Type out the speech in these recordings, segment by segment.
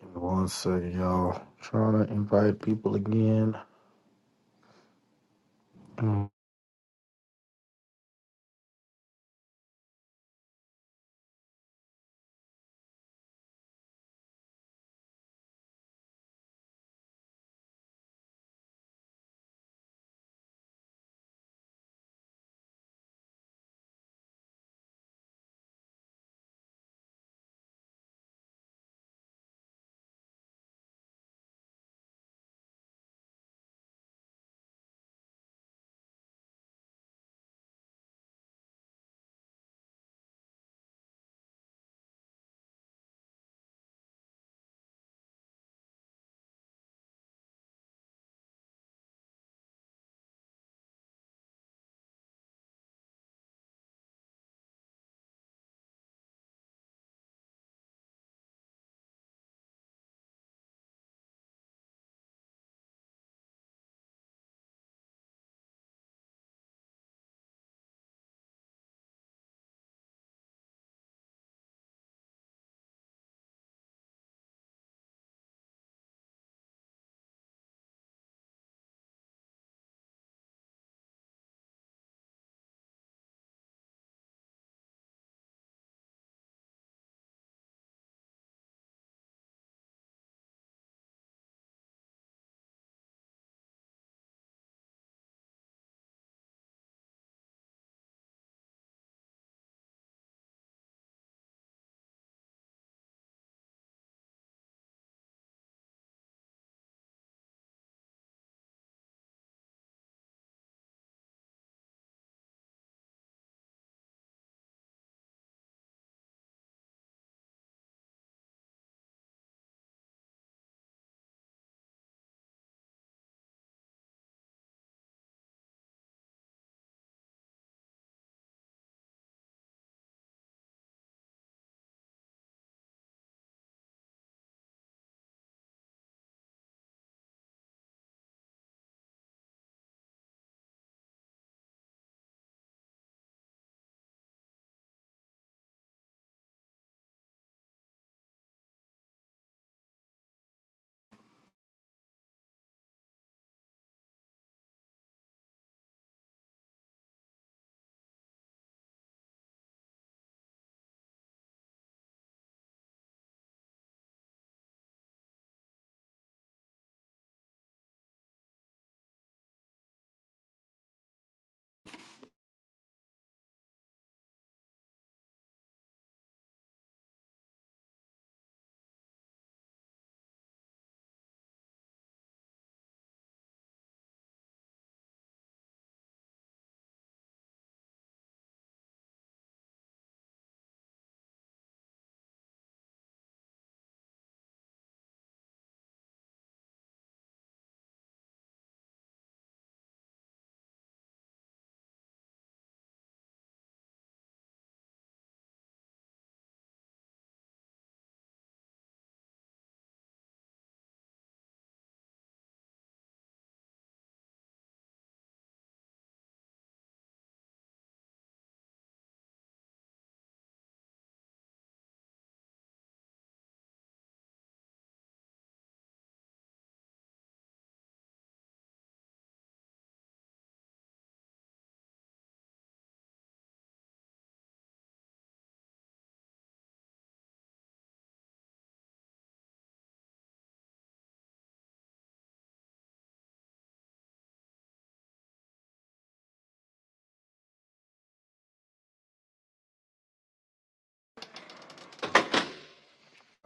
Give me One second, y'all. Trying to invite people again. Mm.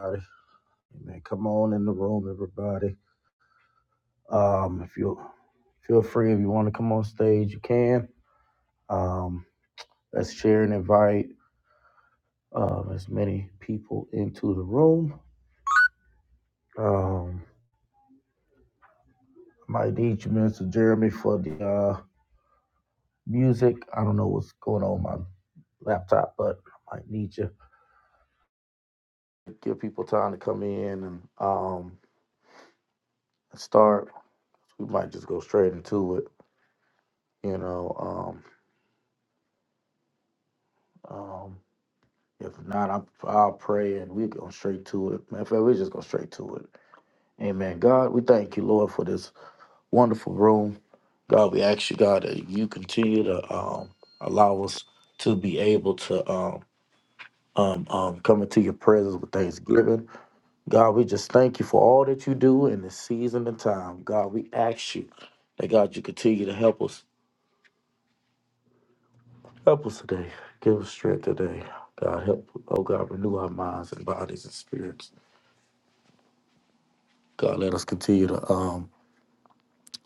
Alrighty. Man, come on in the room, everybody. Um, if you feel free, if you want to come on stage, you can. Um, let's share and invite um, as many people into the room. Um, I might need you, Mr. Jeremy, for the uh, music. I don't know what's going on with my laptop, but I might need you. Give people time to come in and um, start. We might just go straight into it. You know, um, um, if not, I'm, I'll pray and we go straight to it. Matter of fact, we just go straight to it. Amen. God, we thank you, Lord, for this wonderful room. God, we ask you, God, that you continue to um, allow us to be able to um, um, um, come into your presence with thanksgiving. God, we just thank you for all that you do in this season and time. God, we ask you that, God, you continue to help us Help us today. Give us strength today. God help. Oh God, renew our minds and bodies and spirits. God, let us continue to um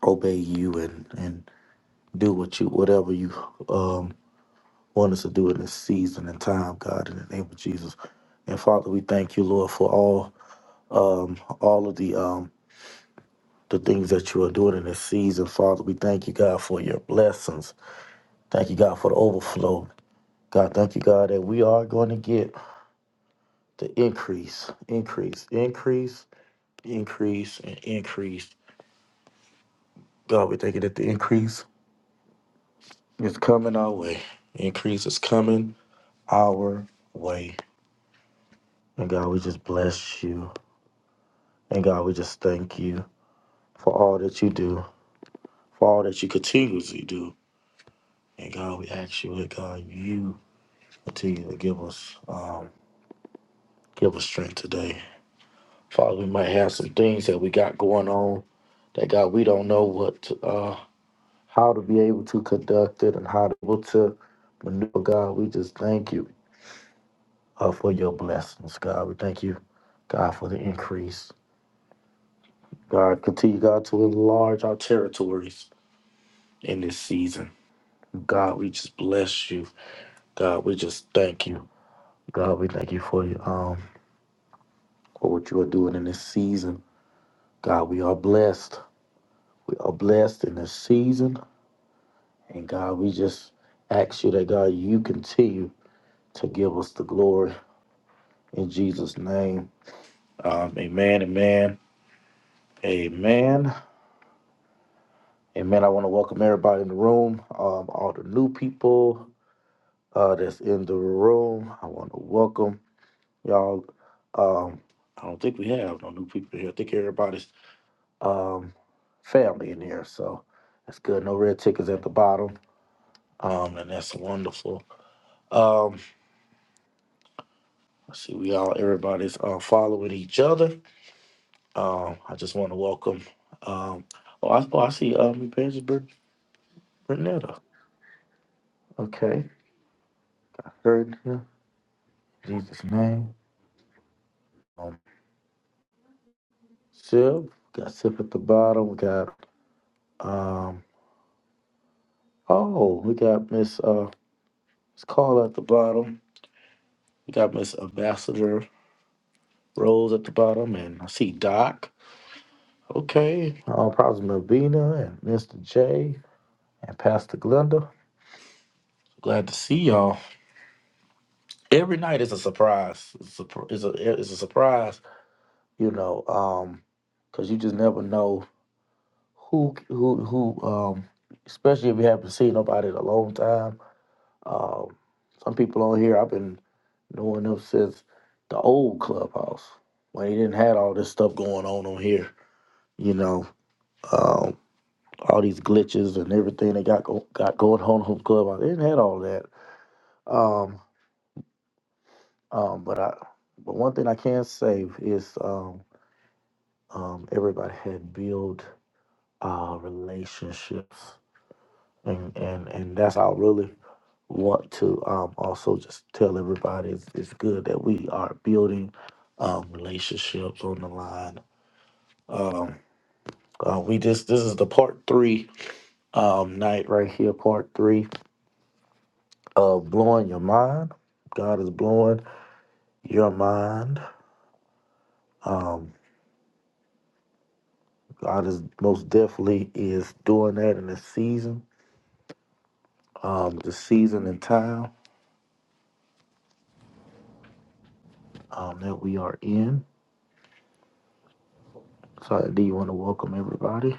obey you and and do what you whatever you um want us to do in this season and time, God, in the name of Jesus. And Father, we thank you, Lord, for all um all of the um the things that you are doing in this season, Father. We thank you, God, for your blessings. Thank you, God, for the overflow. God, thank you, God, that we are going to get the increase, increase, increase increase and increase. God, we thank you that the increase is coming our way. Increase is coming our way. And God, we just bless you. And God, we just thank you for all that you do, for all that you continuously do. And God, we ask you, and God, you continue to give us um, give us strength today. Father, we might have some things that we got going on that God, we don't know what to, uh, how to be able to conduct it and how to, able to maneuver. God, we just thank you uh, for your blessings, God. We thank you, God, for the increase. God, continue, God, to enlarge our territories in this season. God, we just bless you. God, we just thank you. God, we thank you for your um for what you are doing in this season. God, we are blessed. We are blessed in this season. And God, we just ask you that God, you continue to give us the glory in Jesus' name. Um, amen, amen, amen. And man, I want to welcome everybody in the room, um, all the new people uh, that's in the room. I want to welcome y'all. Um, I don't think we have no new people here. I think everybody's um, family in here, so that's good. No red tickets at the bottom, um, and that's wonderful. Um, let's see, we all everybody's uh, following each other. Um, I just want to welcome. Um, oh, I, oh, I see. Um, Evangelist Bern- Bernetta. Okay, heard you. in Jesus' name. Sip. Got Sip at the bottom. We got um oh, we got Miss uh Miss Carla at the bottom. We got Miss Ambassador Rose at the bottom and I see Doc. Okay. Uh Prophet Melvina and Mr. J and Pastor Glenda. Glad to see y'all. Every night is a surprise. It's a, it's a, it's a surprise, you know, um, cause you just never know who who who um especially if you haven't seen nobody in a long time Um, some people on here, I've been knowing them since the old clubhouse when they didn't had all this stuff going on on here. You know, um, all these glitches and everything they got go- got going on on clubhouse. They didn't had all that. Um, um, but I, but one thing I can say is um, um, everybody had built uh, relationships, and and and that's all really want to um, also just tell everybody it's, it's good that we are building um, relationships on the line. Um, uh, we just this is the part three um, night right here, part three of blowing your mind. God is blowing your mind. Um, God is most definitely is doing that in this season, um, the season and time um, that we are in. So I do want to welcome everybody.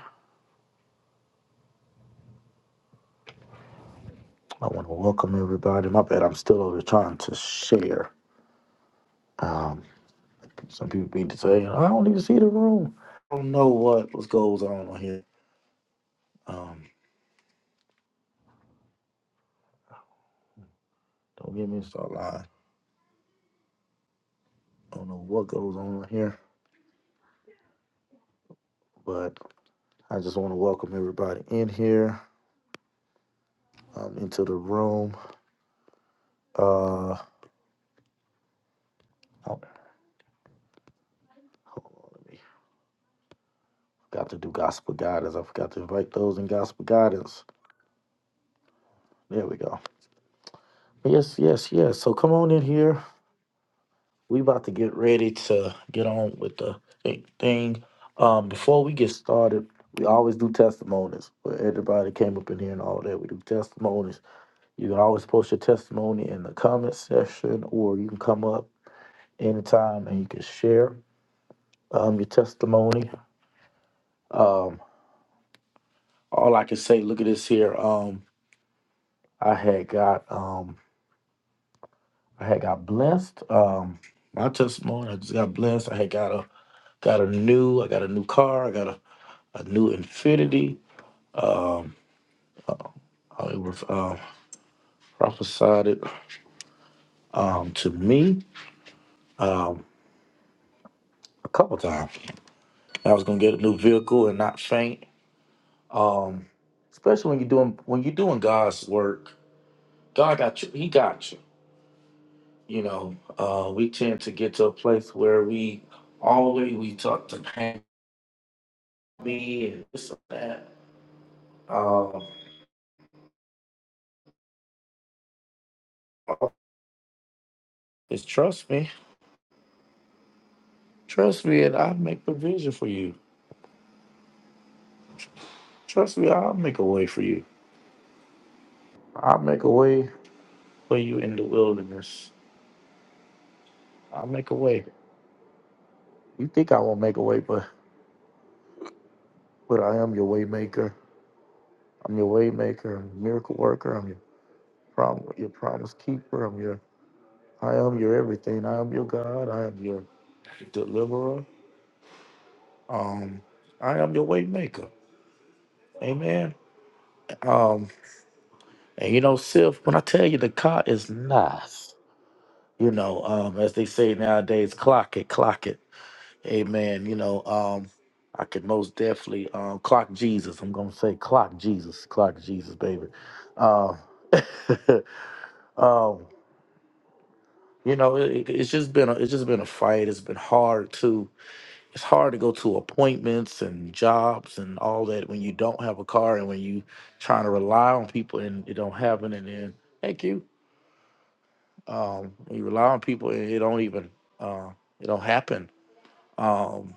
I want to welcome everybody. My bad, I'm still over trying to share. Um, some people need to say, I don't even see the room. I don't know what what goes on on here. Um, don't get me started lying. I don't know what goes on on here, but I just want to welcome everybody in here, um, into the room. Uh, oh, hold on, let me. Got to do gospel guidance. I forgot to invite those in gospel guidance. There we go. Yes, yes, yes. So come on in here. we about to get ready to get on with the thi- thing. Um, before we get started, we always do testimonies. But everybody came up in here and all that. We do testimonies. You can always post your testimony in the comment section, or you can come up anytime and you can share um, your testimony. Um, all I can say, look at this here. Um, I had got um, I had got blessed. Um, my testimony, I just got blessed. I had got a got a new, I got a new car. I got a a new infinity. Uh, it was uh, prophesied um, to me um, a couple times. I was gonna get a new vehicle and not faint. Um, especially when you're doing when you're doing God's work, God got you. He got you. You know, uh, we tend to get to a place where we always we talk to me and this and that. Um, just trust me, trust me, and I'll make provision for you. Trust me, I'll make a way for you. I'll make a way for you in the wilderness. I'll make a way. You think I won't make a way, but but I am your way maker. I'm your way maker. I'm your miracle worker. I'm your prom your promise keeper. I'm your I am your everything. I am your God. I am your deliverer. Um, I am your way maker. Amen. Um, and you know, Sif, when I tell you the car is nice, you know, um, as they say nowadays, clock it, clock it. Amen. You know, um, I could most definitely um, clock Jesus. I'm gonna say clock Jesus, clock Jesus, baby. Uh, um, you know, it, it's just been a, it's just been a fight. It's been hard to it's hard to go to appointments and jobs and all that when you don't have a car and when you trying to rely on people and it don't happen. And then thank you. Um, when you rely on people and it don't even uh, it don't happen. Um,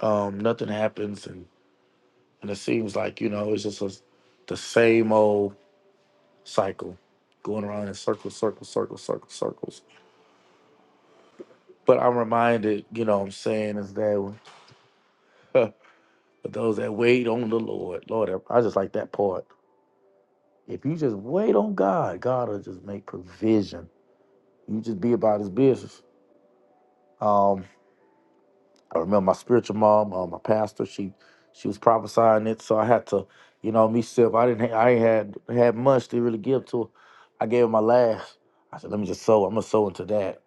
um, nothing happens and. And it seems like, you know, it's just a, the same old cycle going around in circles, circles, circles, circles, circles. But I'm reminded, you know what I'm saying, is that for those that wait on the Lord, Lord, I I just like that part. If you just wait on God, God will just make provision. You just be about his business. Um, I remember my spiritual mom, uh, my pastor. She she was prophesying it, so I had to, you know, me self. I didn't. ha- I ain't had had much to really give to. her. I gave her my last. I said, let me just sow. I'm gonna sow into that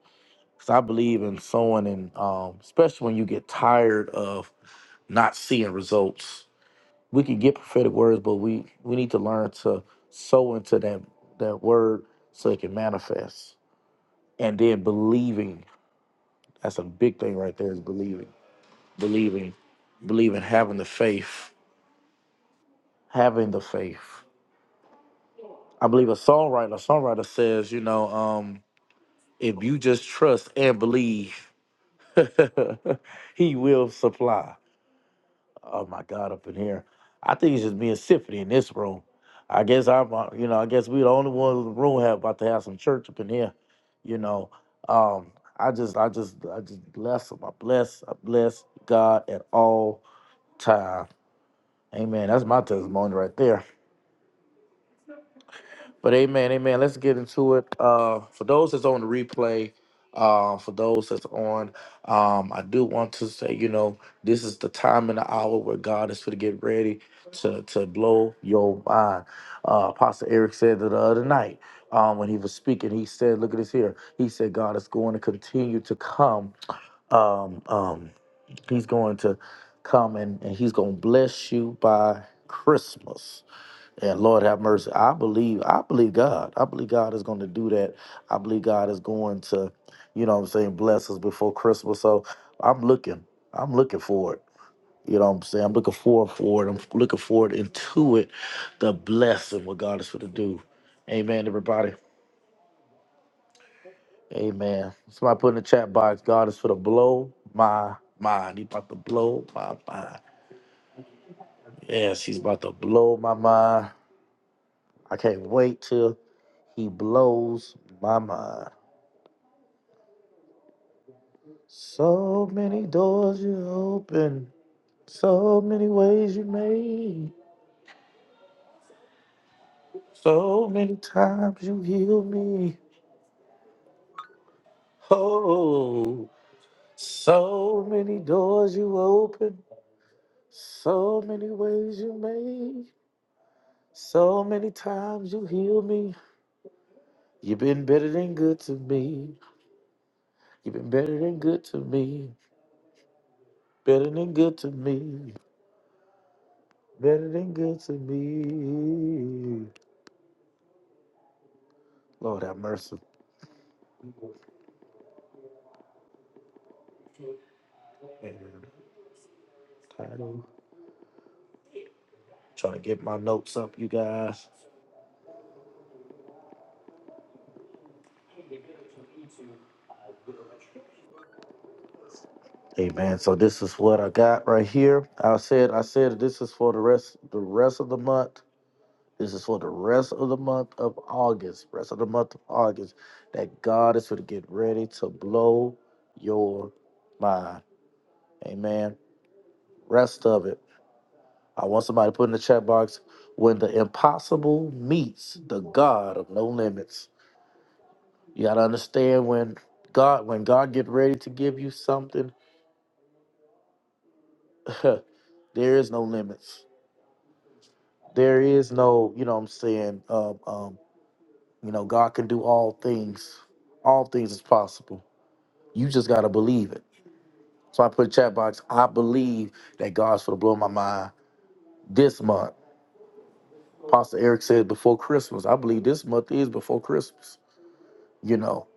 because I believe in sowing, and um, especially when you get tired of not seeing results. We can get prophetic words, but we we need to learn to sow into that that word so it can manifest, and then believing. That's a big thing right there is believing believing, believing, having the faith, having the faith. I believe a songwriter, a songwriter says, you know, um, if you just trust and believe, he will supply. Oh my God, up in here, I think it's just me and Symphony in this room. I guess I'm, uh, you know, I guess we the only ones in the room have about to have some church up in here, you know. Um, I just, I just, I just bless him. I bless, I bless God at all time. Amen. That's my testimony right there. But amen, amen. Let's get into it. Uh, for those that's on the replay, uh, for those that's on, um, I do want to say, you know, this is the time and the hour where God is for to get ready to to blow your mind. Uh, Pastor Eric said that the other night um, when he was speaking, he said, "Look at this here." He said, "God is going to continue to come. Um, um, he's going to come and, and he's going to bless you by Christmas." And Lord have mercy. I believe, I believe God. I believe God is going to do that. I believe God is going to, you know what I'm saying, bless us before Christmas. So I'm looking. I'm looking for it. You know what I'm saying? I'm looking forward for it. I'm looking forward into it. The blessing, what God is for to do. Amen, everybody. Amen. Somebody put in the chat box, God is for to blow my mind. He's about to blow my mind. Yes, he's about to blow my mind. I can't wait till he blows my mind. So many doors you open, so many ways you made, so many times you healed me. Oh, so many doors you open, so many ways you made, so many times you healed me. You've been better than good to me. You've been better than good to me. Better than good to me. Better than good to me. Lord have mercy. Title. Trying to get my notes up, you guys. Hey man, so this is what I got right here. I said I said this is for the rest the rest of the month. This is for the rest of the month of August. Rest of the month of August. That God is going to get ready to blow your mind. Amen. Rest of it. I want somebody to put in the chat box when the impossible meets the God of no limits. You gotta understand when God when God get ready to give you something. There is no limits. There is no, you know what I'm saying, um, um, you know, God can do all things. All things is possible. You just gotta believe it. So I put in chat box, I believe that God's gonna blow my mind this month. Pastor Eric said before Christmas. I believe this month is before Christmas, you know.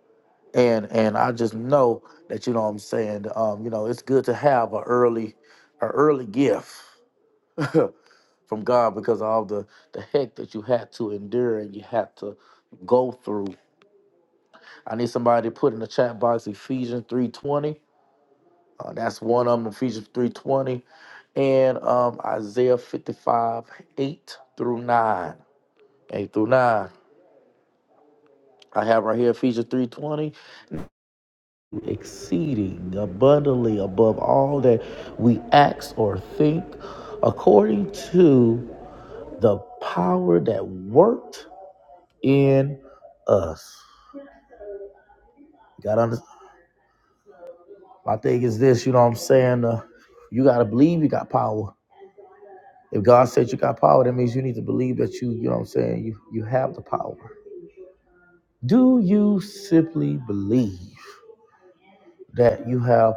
And and I just know that, you know what I'm saying, um, you know, it's good to have a early, a early gift. from God because of all the, the heck that you had to endure and you had to go through. I need somebody to put in the chat box Ephesians 3.20. Uh, that's one of them, Ephesians 3.20. And um, Isaiah 55, 8 through 9. 8 through 9. I have right here Ephesians 3.20. Exceeding abundantly above all that we ask or think according to the power that worked in us. Got to understand. My thing is this, you know what I'm saying? Uh, you gotta believe you got power. If God said you got power, that means you need to believe that you, you know what I'm saying, you you have the power. Do you simply believe? that you have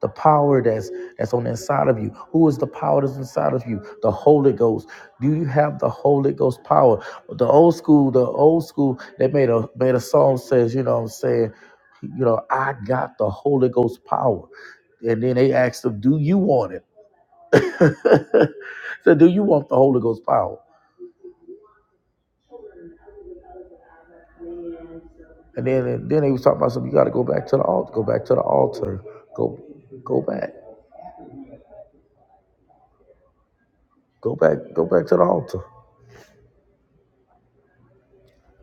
the power that's that's on the inside of you who is the power that's inside of you the holy ghost do you have the holy ghost power the old school the old school they made a made a song says you know what i'm saying you know i got the holy ghost power and then they asked them do you want it so do you want the holy ghost power and then and then they was talking about something you got to go back to the altar go back to the altar go go back go back go back to the altar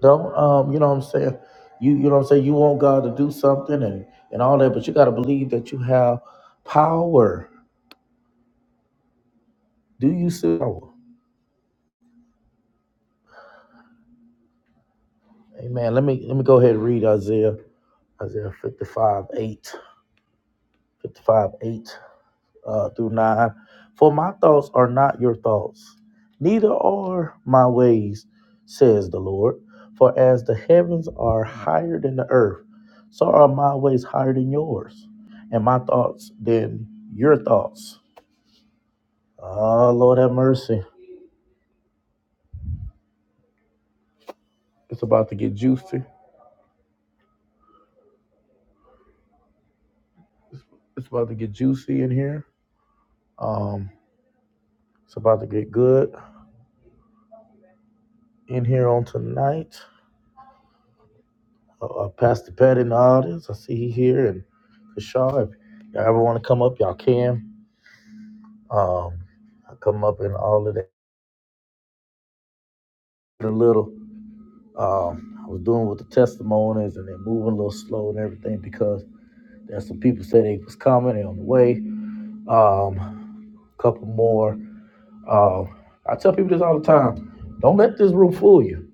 Don't um, you know what I'm saying? You you know what I'm saying? You want God to do something and and all that, but you got to believe that you have power. Do you see power? Amen. Let me let me go ahead and read Isaiah Isaiah 55 eight fifty 8 uh, through 9. For my thoughts are not your thoughts, neither are my ways, says the Lord. For as the heavens are higher than the earth, so are my ways higher than yours, and my thoughts than your thoughts Oh, Lord have mercy. It's about to get juicy. It's about to get juicy in here. Um, it's about to get good in here on tonight. Uh, uh, Pastor Pat in the audience. I see he here and Kashaw. If y'all ever want to come up, y'all can. Um, I come up and all of that a little. Um, I was doing with the testimonies and they're moving a little slow and everything because there's some people said they was coming they on the way. Um, a couple more. Uh, I tell people this all the time. Don't let this room fool you.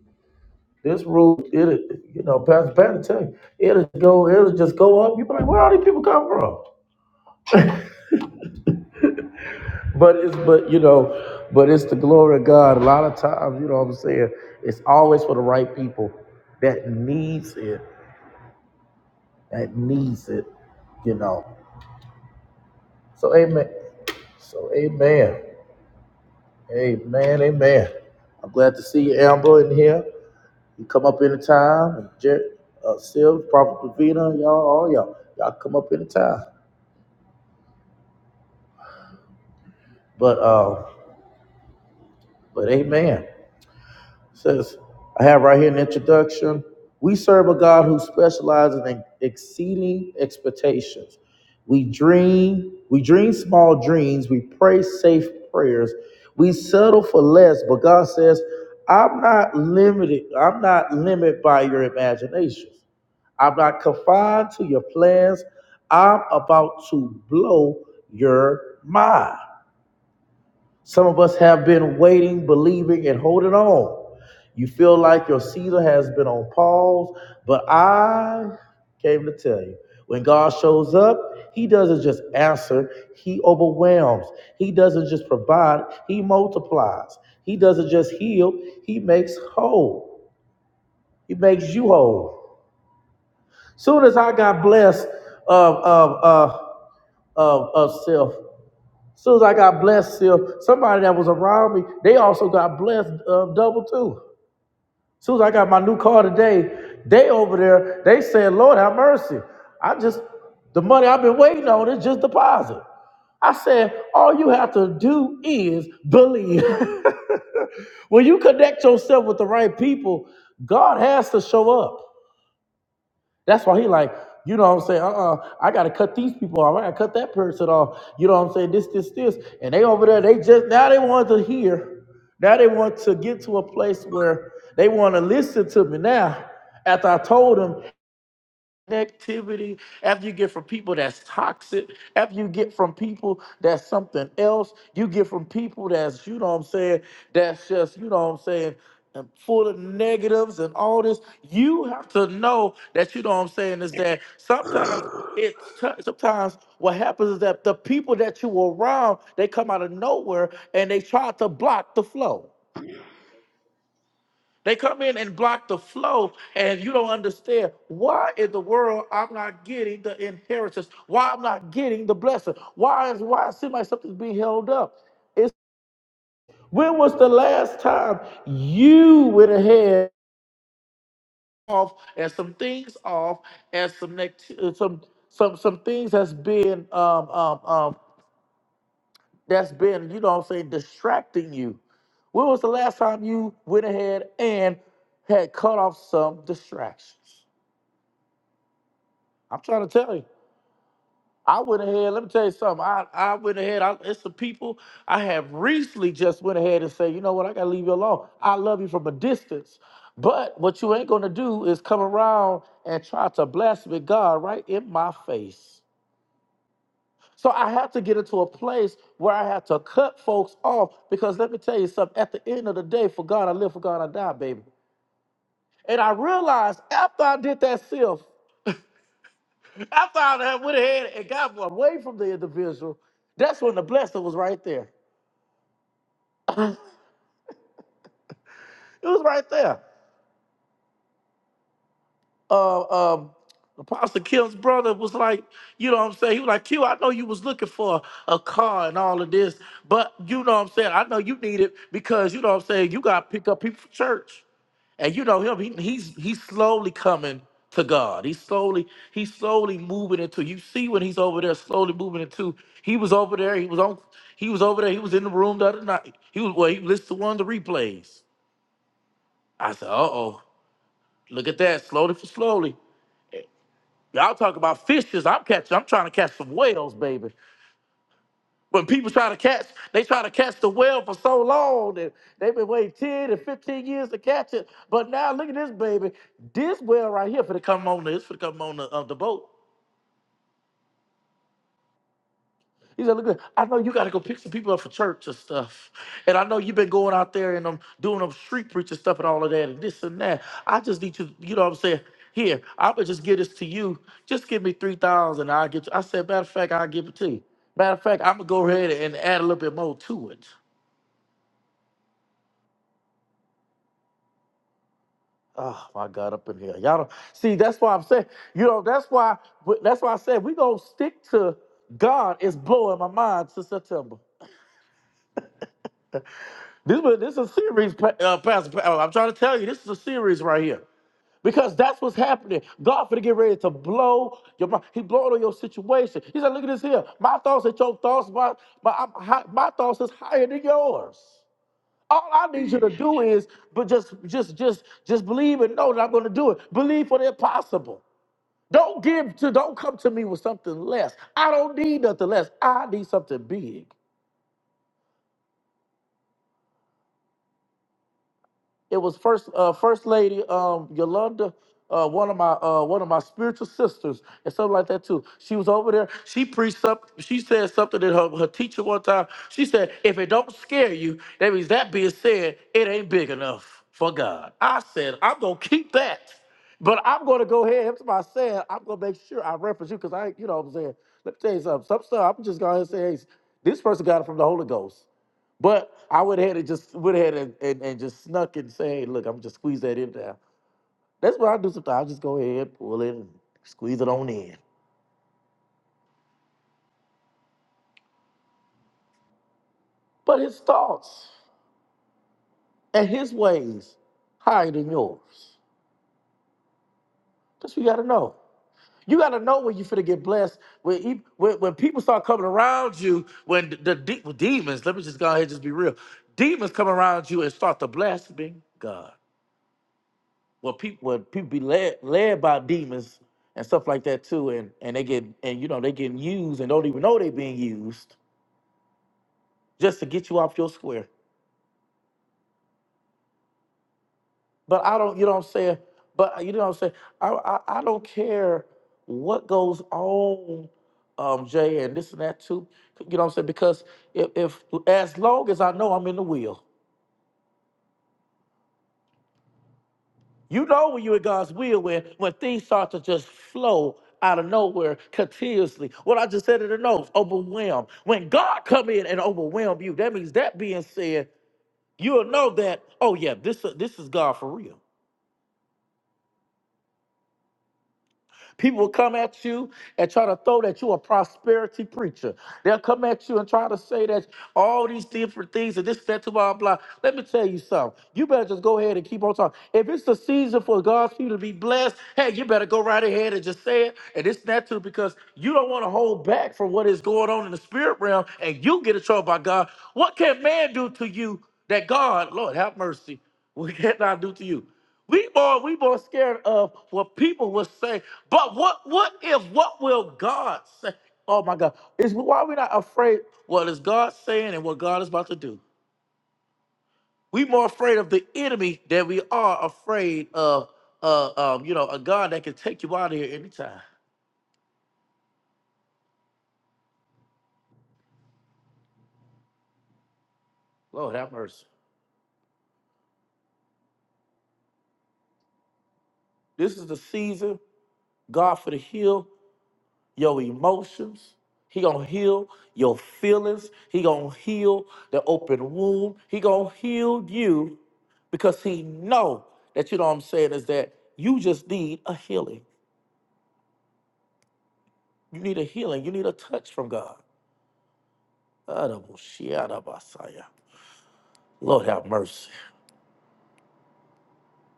This room, it you know, Pastor Pat tell you, it'll go, it'll just go up. you be like, where all these people come from? But it's but you know, but it's the glory of God. A lot of times, you know what I'm saying, it's always for the right people that needs it, that needs it, you know. So amen. So amen. Amen. Amen. I'm glad to see you, Amber, in here. You come up anytime. Jer- uh, Siv, Prophet Davina, y'all, all y'all, y'all come up anytime. But uh, but amen. says, I have right here an introduction. We serve a God who specializes in exceeding expectations. We dream, we dream small dreams, we pray safe prayers, we settle for less, but God says, I'm not limited, I'm not limited by your imagination. I'm not confined to your plans. I'm about to blow your mind. Some of us have been waiting, believing, and holding on. You feel like your season has been on pause, but I came to tell you when God shows up, He doesn't just answer, He overwhelms. He doesn't just provide, He multiplies. He doesn't just heal, He makes whole. He makes you whole. Soon as I got blessed of, of, uh, of, of self, As Soon as I got blessed, see, uh, somebody that was around me, they also got blessed uh, double too. As Soon as I got my new car today, they over there, they said, Lord have mercy. I just, the money I've been waiting on is just deposit. I said, all you have to do is believe. when you connect yourself with the right people, God has to show up. That's why he like, you know what I'm saying? Uh-uh, I gotta cut these people off. I gotta cut that person off. You know what I'm saying? This, this, this. And they over there, they just now they want to hear. Now they want to get to a place where they want to listen to me now. After I told them connectivity, after you get from people that's toxic, after you get from people that's something else, you get from people that's, you know what I'm saying, that's just, you know what I'm saying, and full of negatives and all this, you have to know that, you know what I'm saying, is that sometimes Ugh. it's t- sometimes what happens is that the people that you were around, they come out of nowhere and they try to block the flow. They come in and block the flow, and you don't understand why in the world I'm not getting the inheritance, why I'm not getting the blessing, why is why it seems like something's being held up. It's when was the last time you went ahead off and some things off and some next, uh, some some some things that's been um um um that's been you know what I'm saying distracting you. When was the last time you went ahead and had cut off some distractions? I'm trying to tell you. I went ahead. Let me tell you something. I, I went ahead. I, it's some people I have recently just went ahead and said, you know what? I gotta leave you alone. I love you from a distance, but what you ain't gonna do is come around and try to blaspheme God right in my face. So I have to get into a place where I have to cut folks off because let me tell you something. At the end of the day, for God I live, for God I die, baby. And I realized after I did that self. After I went ahead and got away from the individual, that's when the blessing was right there. It was right there. uh, um, Apostle Kim's brother was like, you know what I'm saying? He was like, Q, I know you was looking for a car and all of this, but you know what I'm saying? I know you need it because you know what I'm saying, you gotta pick up people for church. And you know him, he, he's he's slowly coming to God. He's slowly, he's slowly moving into. You see when he's over there, slowly moving into. He was over there, he was on, he was over there, he was in the room the other night. He was well, he listened to one of the replays. I said, uh oh, look at that, slowly for slowly. Y'all talk about fishes. I'm catching. I'm trying to catch some whales, baby. When people try to catch, they try to catch the whale for so long that they've been waiting 10 and 15 years to catch it. But now look at this, baby. This whale right here for to come on this for to come on the, uh, the boat. These other good. I know you got to go pick some people up for church and stuff. And I know you've been going out there and um, doing them street preacher stuff and all of that and this and that. I just need you, you know what I'm saying? Here, I'm going to just give this to you. Just give me 3000 and I'll get you. I said, matter of fact, I'll give it to you. Matter of fact, I'm going to go ahead and add a little bit more to it. Oh my God, up in here, y'all don't see. That's why I'm saying, you know, that's why, that's why I said we gonna stick to God. Is blowing my mind to September. This was this is a series, Pa- uh, Pastor. Pa- uh, I'm trying to tell you, this is a series right here because that's what's happening. God for to get ready to blow your mind. He blowing on your situation. He said, "Look at this here. My thoughts are your thoughts. My my I'm hi- my thoughts is higher than yours." All I need you preach, to do is, but just just just just believe and know that I'm going to do it. Believe for the impossible. Don't give to. Don't come to me with something less. I don't need nothing less. I need something big. It was first uh, First Lady um, Yolanda, uh, one of my uh, one of my spiritual sisters, and something like that too. She was over there. She preached up. She said something that her, her teacher one time. She said, "If it don't scare you, that means that being said, it ain't big enough for God." I said, "I'm gonna keep that." But I'm going to go ahead. That's what I said. I'm going to make sure I reference you because I, ain't- you know what I'm saying? Let me tell you something. Some stuff, I'm just going to say, hey, this person got it from the Holy Ghost. But I would have had to just would have had and, and, and just snuck and say, hey, look, I'm just squeeze that in there. That's what I do sometimes. I just go ahead, pull it, and squeeze it on in. But his thoughts and his ways higher than yours. That's what you gotta know. You gotta know when you finna get blessed. When, he, when when people start coming around you, when the, the de- well, demons, let me just go ahead and just be real. Demons come around you and start to blaspheme God. Well, people well, people be led led by demons and stuff like that too, and and they get and you know they getting used and don't even know they being used just to get you off your square. But I don't, you know what I'm saying. But you know what I'm saying. I I, I don't care what goes on, um, Jay, and this and that too. You know what I'm saying because if, if as long as I know I'm in the will. You know when you're in God's will, when, when things start to just flow out of nowhere continuously. What I just said in the notes, overwhelm. When God come in and overwhelm you, that means that being said, you'll know that, oh yeah, this, this is God for real. People will come at you and try to throw that you a prosperity preacher. They'll come at you and try to say that all these different things and this, that, to blah, blah. Let me tell you something. You better just go ahead and keep on talking. If it's the season for God's people to be blessed, hey, you better go right ahead and just say it and this, that, too, because you don't want to hold back from what is going on in the spirit realm and you get in trouble by God. What can man do to you that God, Lord, have mercy, we cannot do to you? We more we more scared of what people will say. But what what if what will God say? Oh my God. Is why are we not afraid what is God saying and what God is about to do? We more afraid of the enemy than we are afraid of uh um, you know, a God that can take you out of here anytime. Lord have mercy. This is the season, God for the hill. your emotions. He gonna heal your feelings. He gonna heal the open wound. He gonna heal you because he know that you know what I'm saying is that you just need a healing. You need a healing. You need a touch from God. Adabushiadabasaya. Lord have mercy.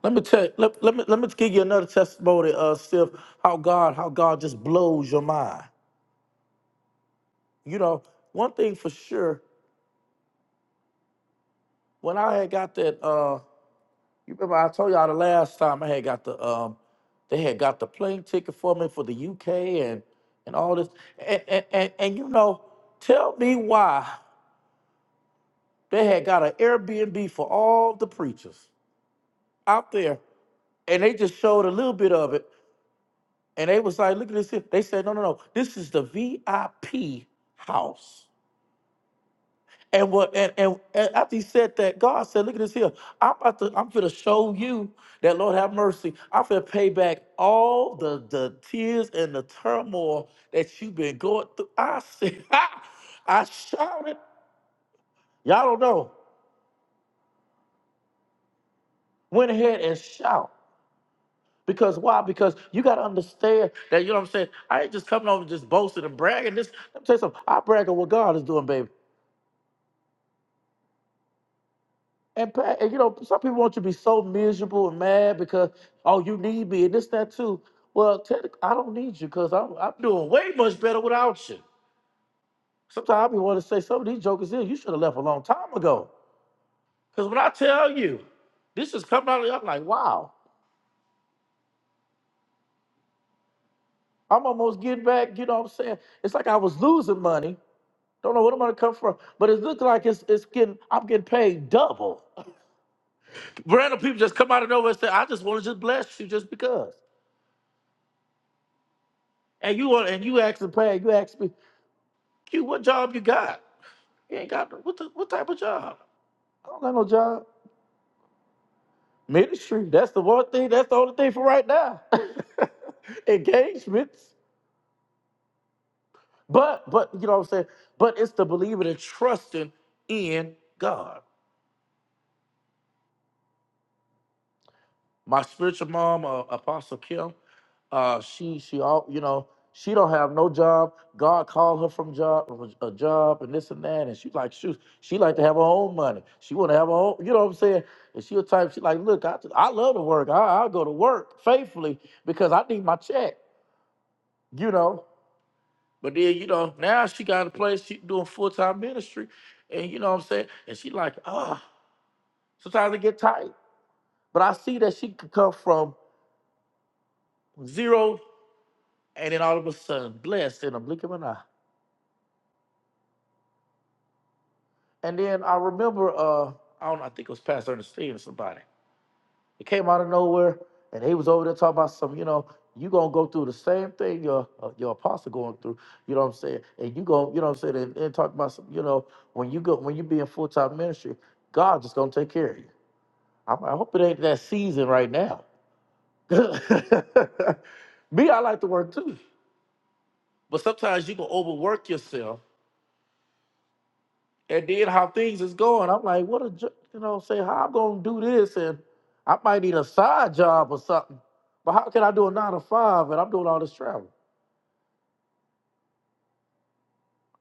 Let me tell you, let, let me let me give you another testimony, uh, Steph, how God, how God just blows your mind. You know, one thing for sure, when I had got that uh. You remember I told y'all the last time I had got the um, they had got the plane ticket for me for the UK and and all this and and and, and you know, tell me why they had got an Airbnb for all the preachers out there, and they just showed a little bit of it, and they was like, look at this. here." They said, no, no, no, this is the VIP house. And what and, and, and after he said that, God said, Look at this here. I'm about to I'm gonna show you that Lord have mercy. I'm gonna pay back all the the tears and the turmoil that you've been going through. I said, I I shouted. Y'all don't know. Went ahead and shout. Because why? Because you gotta understand that you know what I'm saying. I ain't just coming over just boasting and bragging. This let me tell you something. I brag on what God is doing, baby. And, pa- and you know, some people want you to be so miserable and mad because oh, you need me and this that too. Well, technically, I don't need you because I'm I'm doing way much better without you. Sometimes I be want to say some of these jokers here, you should have left a long time ago. Because when I tell you, this is coming out, of you, I'm like, wow, I'm almost getting back. You know what I'm saying? It's like I was losing money. Don't know where the money come from, but it looks like it's it's getting I'm getting paid double. Random people just come out of nowhere and say, I just want to just bless you just because. And you want and you ask the player, you ask me, Q, what job you got? You ain't got no- what the, what type of job? I don't got no job. Ministry. That's the one thing. That's the only thing for right now. Engagements. But but you know what I'm saying. But it's the believer that's trusting in God. My spiritual mom, uh, Apostle Kim. Uh, she she all you know she don't have no job. God called her from job from a job and this and that, and she like shoot. She like to have her own money. She want to have her own. You know what I'm saying? And she a type. She like look. I I love to work. I I'll go to work faithfully because I need my check. You know. But then you know now she got a place. She doing full time ministry, and you know what I'm saying. And she like ah. sometimes I get tight, but I see that she could come from zero and then all of a sudden blessed in a blink of an eye. And then I remember, uh, I don't know, I think it was Pastor Ernestine or somebody. It came out of nowhere, and he was over there talking about some, you know, you gonna go through the same thing your uh, your apostle going through. You know what I'm saying? And you go, you know what I'm saying? And, and talk about some, you know, when you go when you be in full time ministry, God just gonna take care of you. I'm, like, I hope it ain't that season right now. Me, I like to work too, but sometimes you can overwork yourself and then how things is going, I'm like, what a jo- you know, say how I'm gonna do this, and I might need a side job or something. But how can I do a nine to five and I'm doing all this travel?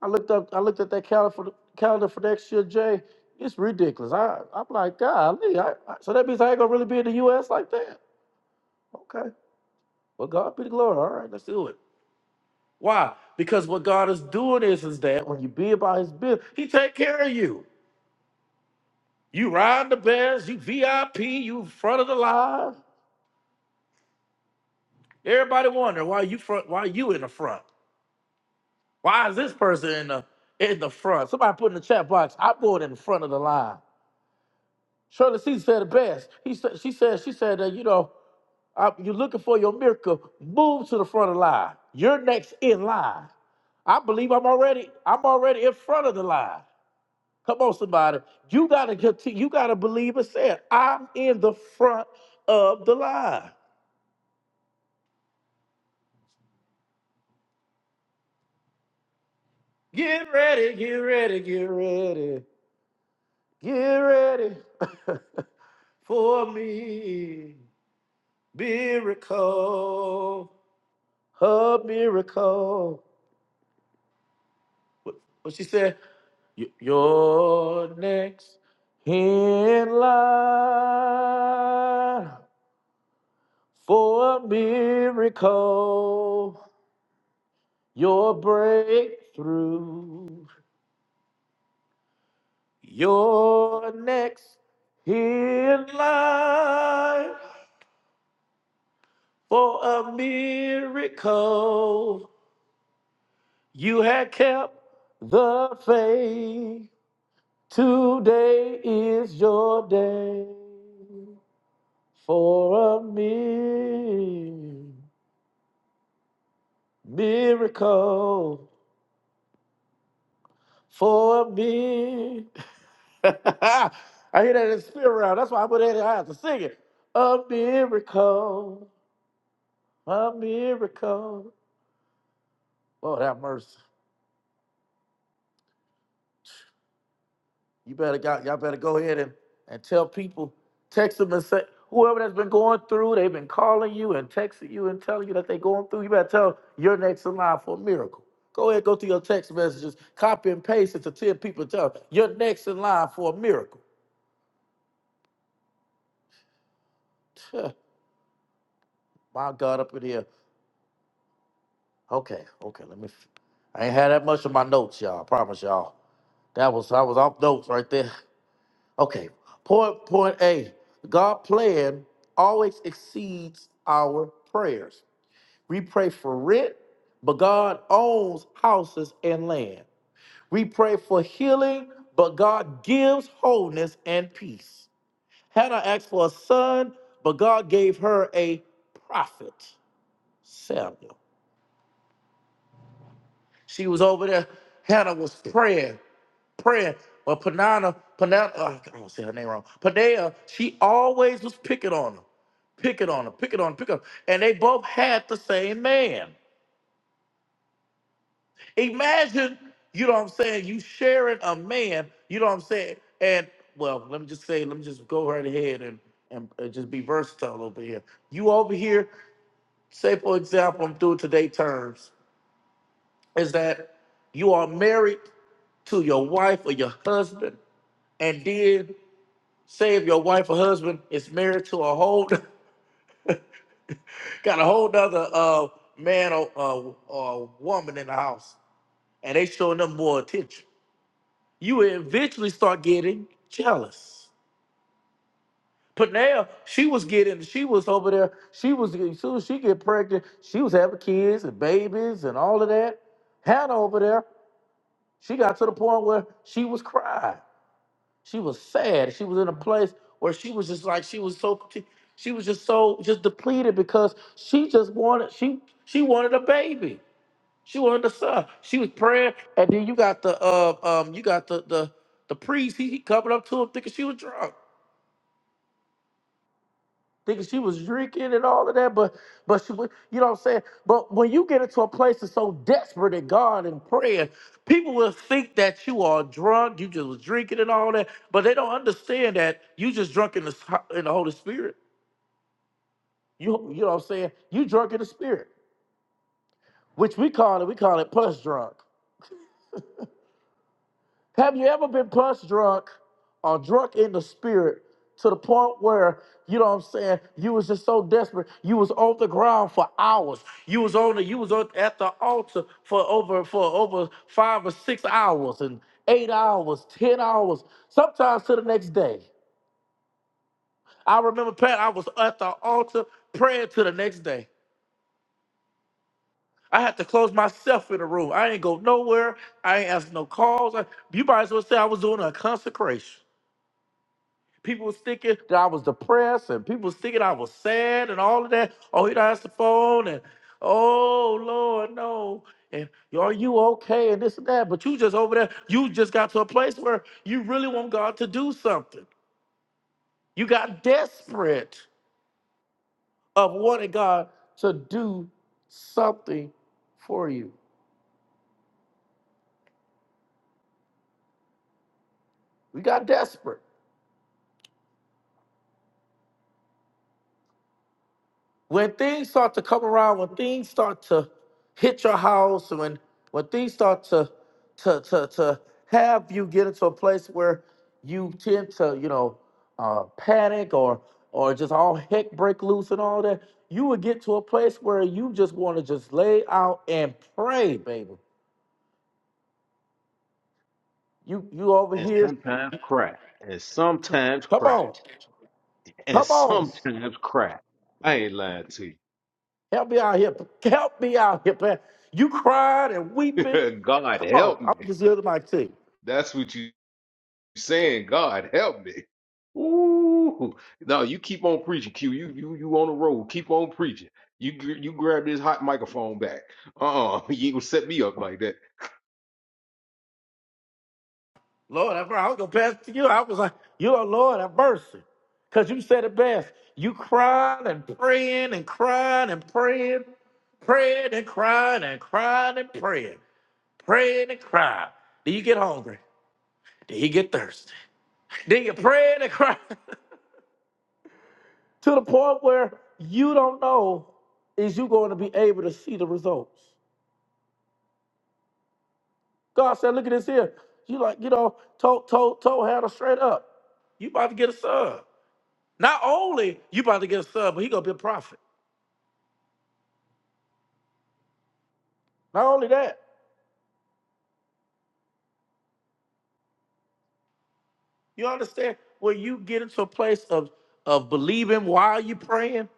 I looked up, I looked at that calendar for calendar for next year, Jay. It's ridiculous. I I'm like, golly, I, I, so that means I ain't gonna really be in the U.S. like that. Okay, well, God be the glory. All right, let's do it. Why? Because what God is doing is is that when you be about His business, He take care of you. You ride the best, you VIP, you front of the line. Everybody wonder why you front, why you in the front? Why is this person in the in the front? Somebody put in the chat box. I bought in the front of the line. Shirley Caesar said the best. He said she said she said that you know uh, you're looking for your miracle. Move to the front of the line. You're next in line. I believe I'm already I'm already in front of the line. Come on, somebody. You gotta continue, you gotta believe and say it. I'm in the front of the line. Get ready, get ready, get ready. Get ready for me. Miracle, a miracle. But she said, "You- You're next in line for a miracle. Your breakthrough. You're next in line for a miracle. You had kept the faith. Today is your day for a mi- miracle. For me. I hear that in the spirit realm. That's why I put it in. I have to sing it. A miracle. A miracle. Lord have mercy. You better got y'all better go ahead and, and tell people, text them and say whoever that's been going through, they've been calling you and texting you and telling you that they're going through. You better tell 'em you're next in line for a miracle. Go ahead, go through your text messages, copy and paste it to ten people. and Tell 'em, you're next in line for a miracle. Huh, my God, up in here. Okay, okay, let me. I ain't had that much of my notes, y'all. I promise y'all. That was I was off notes right there. Okay. Point point A. God's plan always exceeds our prayers. We pray for rent, but God owns houses and land. We pray for healing, but God gives wholeness and peace. Hannah asked for a son, but God gave her a prophet, Samuel. She was over there. Hannah was praying. praying. But Panana, Panana, i don't say her name wrong. Panea, she always was picking on him, picking on him, picking on him, picking on him. And they both had the same man. Imagine, you know what I'm saying, you sharing a man, you know what I'm saying? And well, let me just say, let me just go right ahead and, and, and just be versatile over here. You over here, say for example, I'm doing today terms, is that you are married to your wife or your husband, and then. Say if your wife or husband is married to a whole, got a whole other uh, man or, or, or woman in the house, and they showing them more attention, you will eventually start getting jealous. Panea, she was getting, she was over there, she was, as soon as she get pregnant, she was having kids and babies and all of that. Hannah over there, she got to the point where she was crying. She was sad. She was in a place where she was just like she was so she, she was just so just depleted because she just wanted she she wanted a baby. She wanted a son. She was praying, and then you got the uh, um you got the the the priest. He, he coming up to him thinking she was drunk thinking she was drinking and all of that, but but she, wa- you know what I'm saying. But when you get into a place that's so desperate at God and praying, people will think that you are drunk, you just was drinking and all that, but they don't understand that you just drunk in the s- in the Holy Spirit. You you know what I'm saying? You drunk in the Spirit, which we call it we call it plus drunk. Have you ever been punch drunk or drunk in the spirit to the point where, you know what I'm saying, you was just so desperate, you was on the ground for hours. You was on the, you was on, at the altar for over for over five or six hours and eight hours, ten hours, sometimes to the next day. I remember Pat, I was at the altar praying to the next day. I had to close myself in the room. I ain't go nowhere. I ain't answer no calls. I, you might as well say I was doing a consecration. People was thinking that I was depressed, and people was thinking I was sad, and all of that. Oh, he done answered the phone, and oh Lord, no. And are you okay? And this and that. But you just over there, you just got to a place where you really want God to do something. You got desperate of wanting God to do something for you. We got desperate. when things start to come around, when things start to hit your house, when when things start to to to to have you get into a place where you tend to, you know, uh, panic or or just all heck break loose and all that, you will get to a place where you just want to just lay out and pray, baby. You you over and here, sometimes crack, and sometimes come crack, on, and come on, sometimes crack. I ain't lying to help me out here, help me out here, man. You crying and weeping. you. God Come on, help I'm me. just here to my too. That's what you saying. God help me. Ooh, no, you keep on preaching, Q. You you you on the road. Keep on preaching. You gr- you grab this hot microphone back. Uh, uh you ain't gonna set me up like that. Lord, I, I was gonna pass to you. I was like, you are Lord have mercy. Cause you said it best. You cried and praying and crying and praying, praying and crying and crying and praying, praying and crying. Then you get hungry. Then you get thirsty. Then you praying and crying to the point where you don't know is you going to be able to see the results. God said, look at this here. You like, you know, toe, toe, toe handle straight up. You about to get a son. Not only you about to get a son, but he gonna be a prophet. Not only that, you understand when you get into a place of of believing while you praying,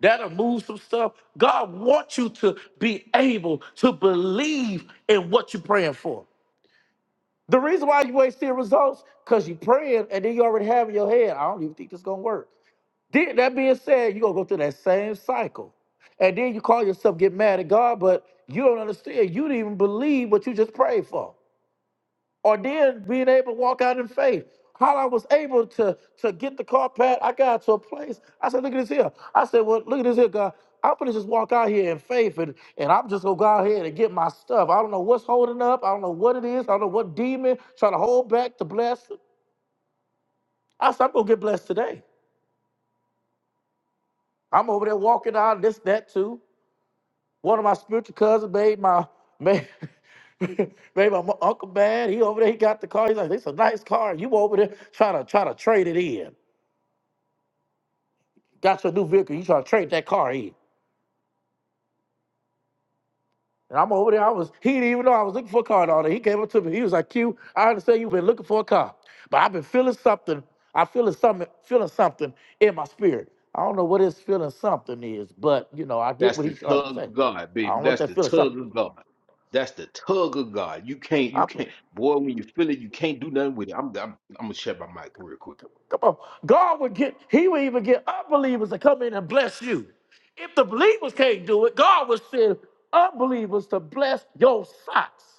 that'll move some stuff. God wants you to be able to believe in what you're praying for. The reason why you ain't seeing results, cause you praying and then you already have in your head, I don't even think it's gonna work. Then that being said, you're gonna go through that same cycle. And then you call yourself get mad at God, but you don't understand. You didn't even believe what you just prayed for. or then being able to walk out in faith. How I was able to to get the car pad, I got to a place. I said, look at this here. I said, well, look at this here, God. I'm gonna just walk out here in faith and, and I'm just gonna go out here and get my stuff. I don't know what's holding up. I don't know what it is. I don't know what demon trying to hold back the blessing. I said, I'm gonna get blessed today. I'm over there walking out this, that too. One of my spiritual cousins made my made, made my mo- uncle mad. He over there, he got the car. He's like, this is a nice car. You over there trying to trying to trade it in. got your new vehicle. You trying to trade that car in. And I'm over there. I was, he didn't even know I was looking for a car and all that. He came up to me. He was like, Q, I understand you've been looking for a car, but I've been feeling something. I feeling something, feeling something in my spirit. I don't know what his feeling something is, but you know, I get That's what the he's trying to tug say. of God, I baby. don't know what That's that the feeling something. tug of God. That's the tug of God. You can't, you I, can't, boy. When you feel it, you can't do nothing with it. I'm, I'm, I'm gonna shut my mic real quick. come on. God would get, he would even get unbelievers to come in and bless you. If the believers can't do it, God would send unbelievers to bless your socks.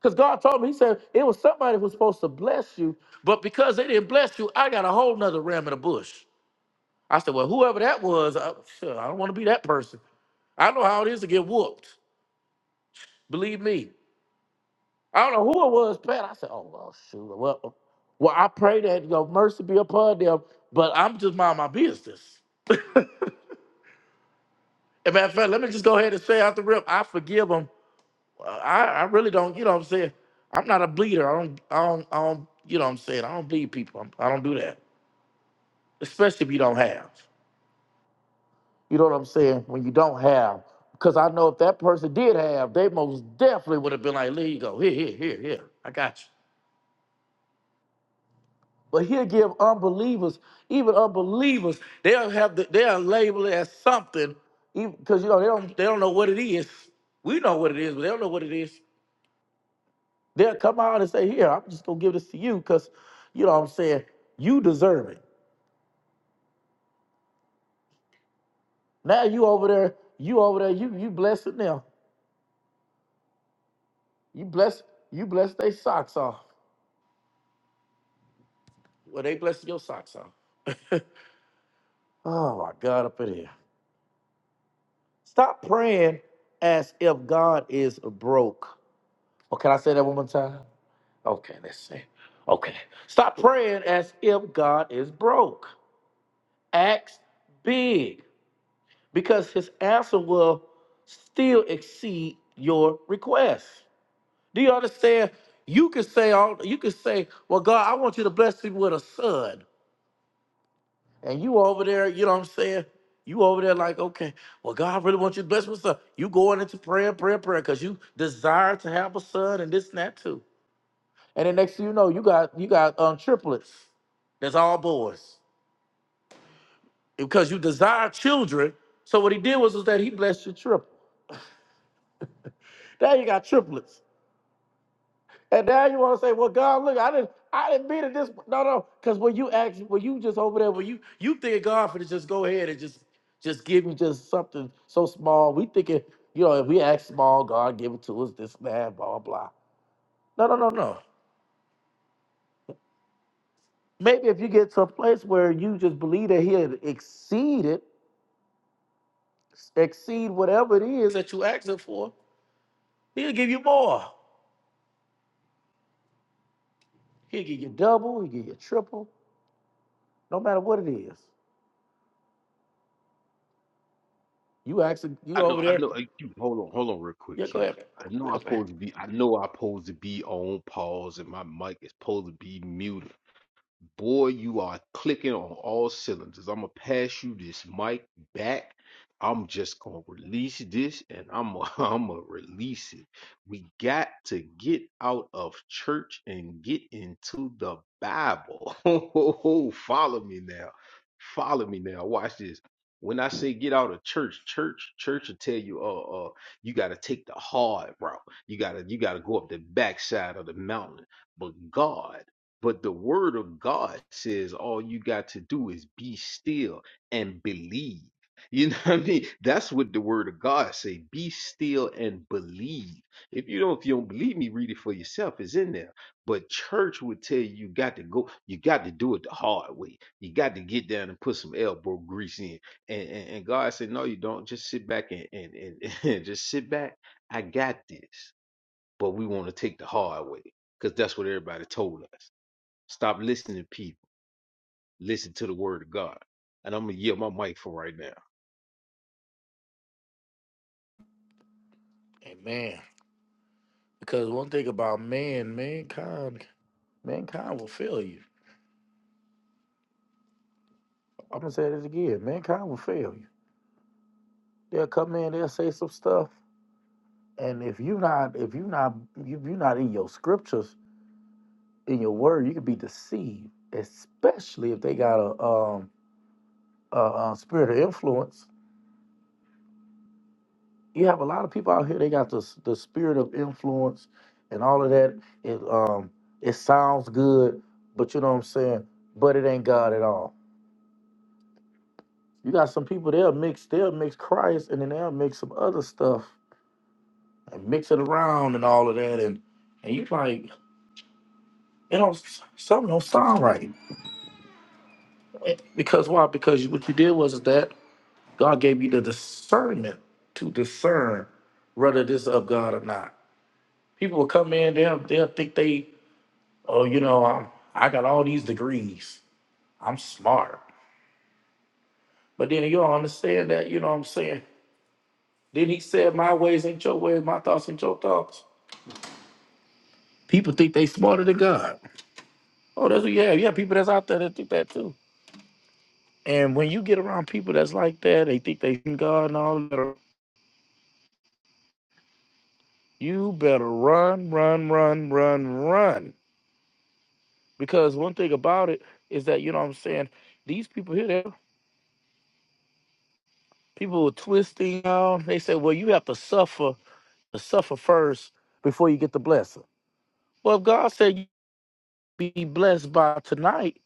Because God told me, He said, it was somebody who was supposed to bless you, but because they didn't bless you, I got a whole nother ram in the bush. I said, well, whoever that was, I, sure, I don't want to be that person. I know how it is to get whooped. Believe me. I don't know who it was, Pat. I said, oh, well, shoot. Well, well I pray that your mercy be upon them, but I'm just mind my business. And matter of fact, let me just go ahead and say out the rip, I forgive them. Uh, I, I really don't, you know what I'm saying? I'm not a bleeder. I don't, I don't, I don't you know what I'm saying? I don't bleed people. I'm, I don't do that. especially if you don't have. You know what I'm saying? When you don't have, because I know if that person did have, they most definitely would have been like, "There you go, here, here, here, here." But he'll give unbelievers, even unbelievers, they'll have the, they'll label it as something, because you know they don't they don't know what it is. We know what it is, but they don't know what it is. They'll come out and say, "Here, I'm just gonna give this to you," because you know what I'm saying you deserve it. Now you over there, you over there, you you blessing now. You bless you bless they socks off. Well, they blessing your socks off. Oh my God, up in here. Stop praying as if God is broke. Or can I say that one more time? Okay, let's see. Okay. Stop praying as if God is broke. Acts big because his answer will still exceed your request. Do you understand? You can say all you can say, well, God, I want you to bless me with a son. And you over there, you know what I'm saying? You over there like, okay, well, God really wants you to bless my son. You going into prayer, prayer, prayer, because you desire to have a son and this and that too. And the next thing you know, you got you got um triplets. That's all boys. Because you desire children. So what he did was, was that he blessed your triple. Now you got triplets. And now you want to say, "Well, God, look, I didn't, I didn't mean it this." No, no, because when you ask, when you just over there, when you you think God for to just go ahead and just just give me just something so small, we thinking, you know, if we ask small, God give it to us, this and that, blah blah. No, no, no, no. Maybe if you get to a place where you just believe that He'll exceed it, exceed whatever it is that you asking for, He'll give you more. He'll give you double. He'll give you triple. No matter what it is, you asking, you I know, over I there. know. Hey, Q, hold on, hold on, real quick, Yeah, go Q. ahead. I Go know I'm ahead. supposed to be, I know I'm supposed to be on pause, and my mic is supposed to be muted. boy, you are clicking on all cylinders. I'm gonna pass you this mic back. I'm just gonna release this and I'm gonna, I'm gonna release it. We got to get out of church and get into the Bible. Follow me now. Follow me now. Watch this. When I say get out of church, church, church will tell you, uh, uh, you gotta take the hard route. You gotta, you gotta go up the backside of the mountain. But God but the word of God says all you got to do is be still and believe. You know what I mean? That's what the word of God say. Be still and believe. If you don't, if you don't believe me, read it for yourself. It's in there. But church would tell you you got to go, you got to do it the hard way. You got to get down and put some elbow grease in. And and, and God said, No, you don't. Just sit back and, and, and, and just sit back. I got this. But we want to take the hard way because that's what everybody told us. Stop listening to people. Listen to the word of God. And I'm gonna yield my mic for right now. Amen. Because one thing about man, mankind, mankind will fail you. I'm gonna say this again. Mankind will fail you. They'll come in, they'll say some stuff, and if you not, if you not, if you not in your scriptures, in your word, you could be deceived. Especially if they got a um a, a spirit of influence. you have a lot of people out here. They got the s- the spirit of influence and all of that. It um it sounds good, but you know what I'm saying. But it ain't God at all. You got some people they'll mix they'll mix Christ and then they'll mix some other stuff and mix it around and all of that and and you like it don't s- something don't sound right Eh, because why because what you did was is that God gave you the discernment to discern whether this is of God or not. People will come in they'll they'll think they oh, you know, I'm I got all these degrees. I'm smart. But then you don't understand that, you know what I'm saying? Then he said, My ways ain't your ways, my thoughts ain't your thoughts. People think they smarter than God. Oh, that's what you have. Yeah, people that's out there that think that too. And when you get around people that's like that, they think they think God and all that. You better run, run, run, run, run. Because one thing about it is that, you know what I'm saying, these people here, they people will twist things down. They say, Well, you have to suffer to suffer first before you get the blessing. Well, if God said you be blessed by tonight,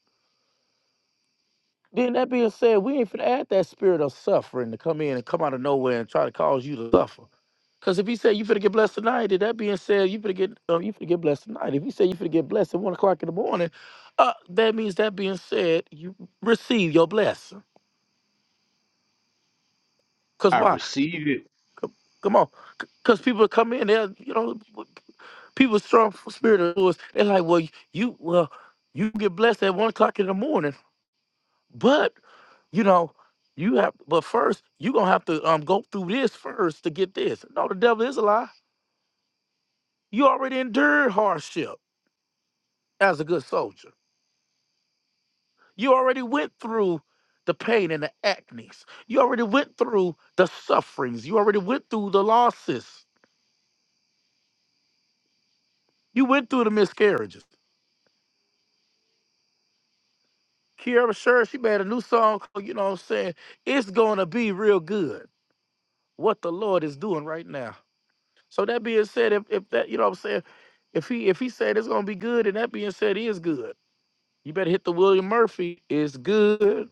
then that being said, we ain't finna add that spirit of suffering to come in and come out of nowhere and try to cause you to suffer. Cause if he said you finna get blessed tonight, then that being said, you finna get um, you finna get blessed tonight. If he said you finna get blessed at one o'clock in the morning, uh, that means that being said, you receive your blessing. Cause I why? received it. C- Come on, cause people come in there, you know. People with strong spirit of fools. They're like, well, you well, you get blessed at one o'clock in the morning, but you know, you have but first you're gonna have to um go through this first to get this. No, the devil is a lie. You already endured hardship as a good soldier. You already went through the pain and the acnes. You already went through the sufferings. You already went through the losses. You went through the miscarriages. Kiara Sure, she made a new song, called, you know what I'm saying? It's gonna be real good. what the Lord is doing right now. So that being said, if, if that you know what I'm saying, if he if he said it's gonna be good, and that being said it is good. You better hit the William Murphy. It's good.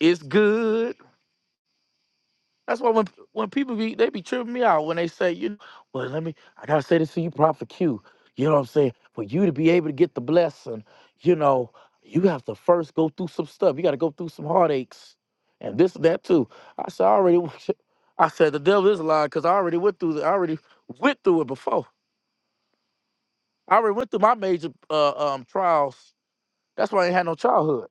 It's good. That's why when when people be they be tripping me out when they say, you know, well, let me I gotta say this to you, Prophet Q. You know what I'm saying? For you to be able to get the blessing, you know, you have to first go through some stuff. You gotta go through some heartaches and this and that too. I said, I already I said the devil is a lie because I already went through the, I already went through it before. I already went through my major uh, um trials. That's why I ain't had no childhood.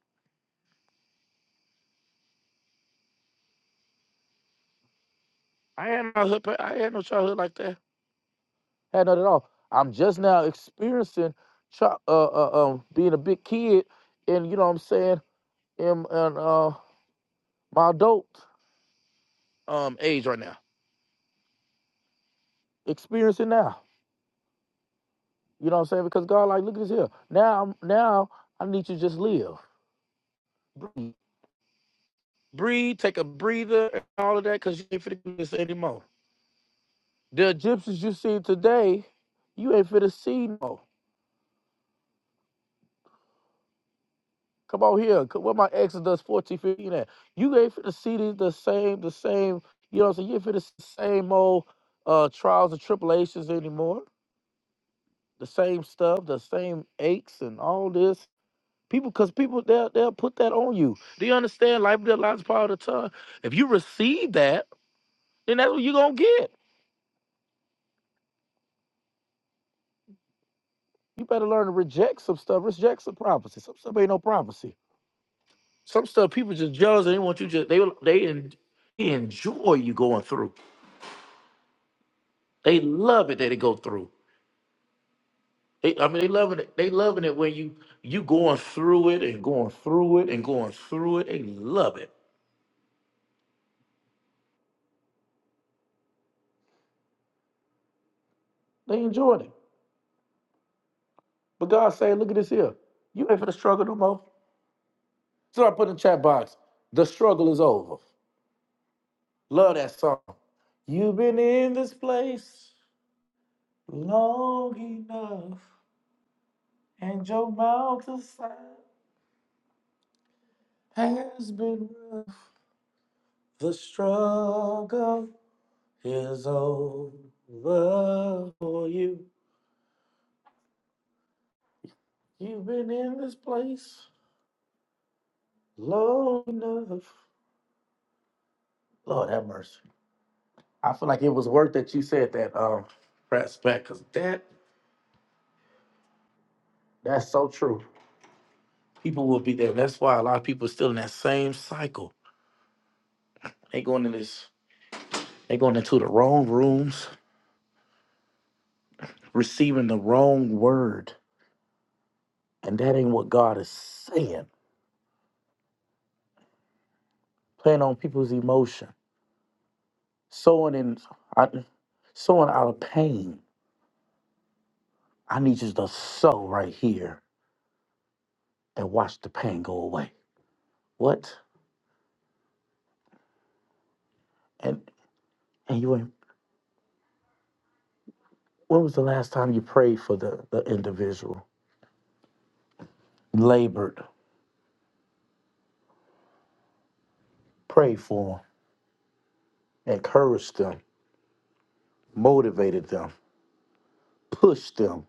I ain't had no hood- I ain't had no childhood like that. Had none at all. I'm just now experiencing chi- uh, uh, um, being a big kid, and you know what I'm saying, in, in uh, my adult um, age right now, experiencing now. You know what I'm saying? Because God, like, look at this here. Now, I'm now I need you to just live, breathe, breathe, take a breather, and all of that, because you ain't finna do this anymore. The Egyptians you see today, you ain't finna see no more. Come on here. Come- Where my Exodus 14, 15 at? You ain't finna see the, the same, the same, you know what I'm saying? You ain't finna see the same old uh, trials and tribulations anymore. The same stuff, the same aches and all this. People, because people, they'll, they'll put that on you. Do you understand? Life, death, lies, power of the tongue. If you receive that, then that's what you're going to get. You better learn to reject some stuff, reject some prophecy. Some stuff ain't no prophecy. Some stuff people just jealous and they want you just, they, they, en- they enjoy you going through. They love it that they go through. They, I mean, they loving it. They loving it when you you going through it and going through it and going through it. They love it. They enjoying it. But God saying, look at this here. You ain't for the struggle no more. So I put in the chat box. The struggle is over. Love that song. You've been in this place long enough, and your mountainside has been rough. The struggle is over for you. You've been in this place long enough. Lord have mercy. I feel like it was worth that you said that, um, Pratt back, because that that's so true. People will be there. That's why a lot of people are still in that same cycle. They going in this, they going into the wrong rooms, receiving the wrong word. And that ain't what God is saying. Playing on people's emotion. Sowing in I- sowing out of pain. I need you to sew right here and watch the pain go away. What? And and you ain't when was the last time you prayed for the, the individual? Labored, prayed for them, encouraged them, motivated them, pushed them.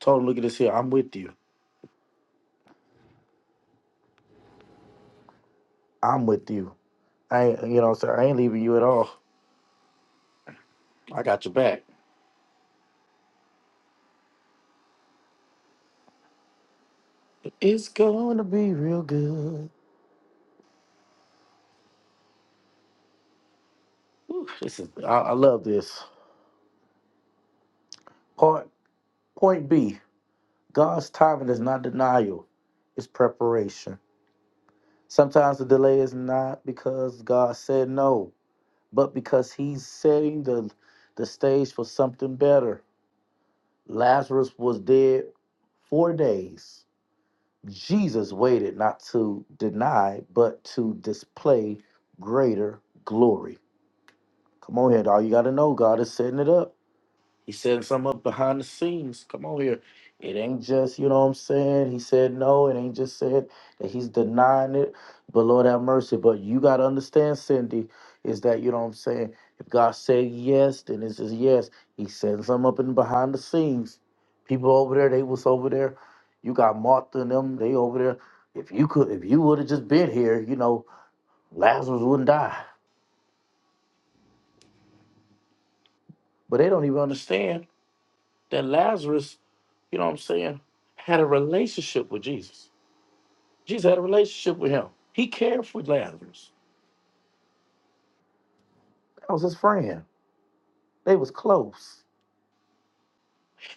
Told them, look at this here, I'm with you. I'm with you. I ain't you know what I'm saying? I ain't leaving you at all. I got your back. It's gonna be real good. Whew, this is I, I love this. Part point B. God's timing is not denial, it's preparation. Sometimes the delay is not because God said no, but because He's setting the the stage for something better. Lazarus was dead four days. Jesus waited not to deny, but to display greater glory. Come on here, all you gotta know, God is setting it up. He's setting something up behind the scenes. Come on here. It ain't just, you know what I'm saying? He said no. It ain't just said that he's denying it. But Lord have mercy. But you got to understand, Cindy, is that, you know what I'm saying? If God said yes, then it's just yes. He's setting something up in behind the scenes. People over there, they was over there. You got Martha and them, they over there. If you could, if you would have just been here, you know, Lazarus wouldn't die. But they don't even understand that Lazarus you know what I'm saying, had a relationship with Jesus. Jesus had a relationship with him. He cared for Lazarus. That was his friend. They was close.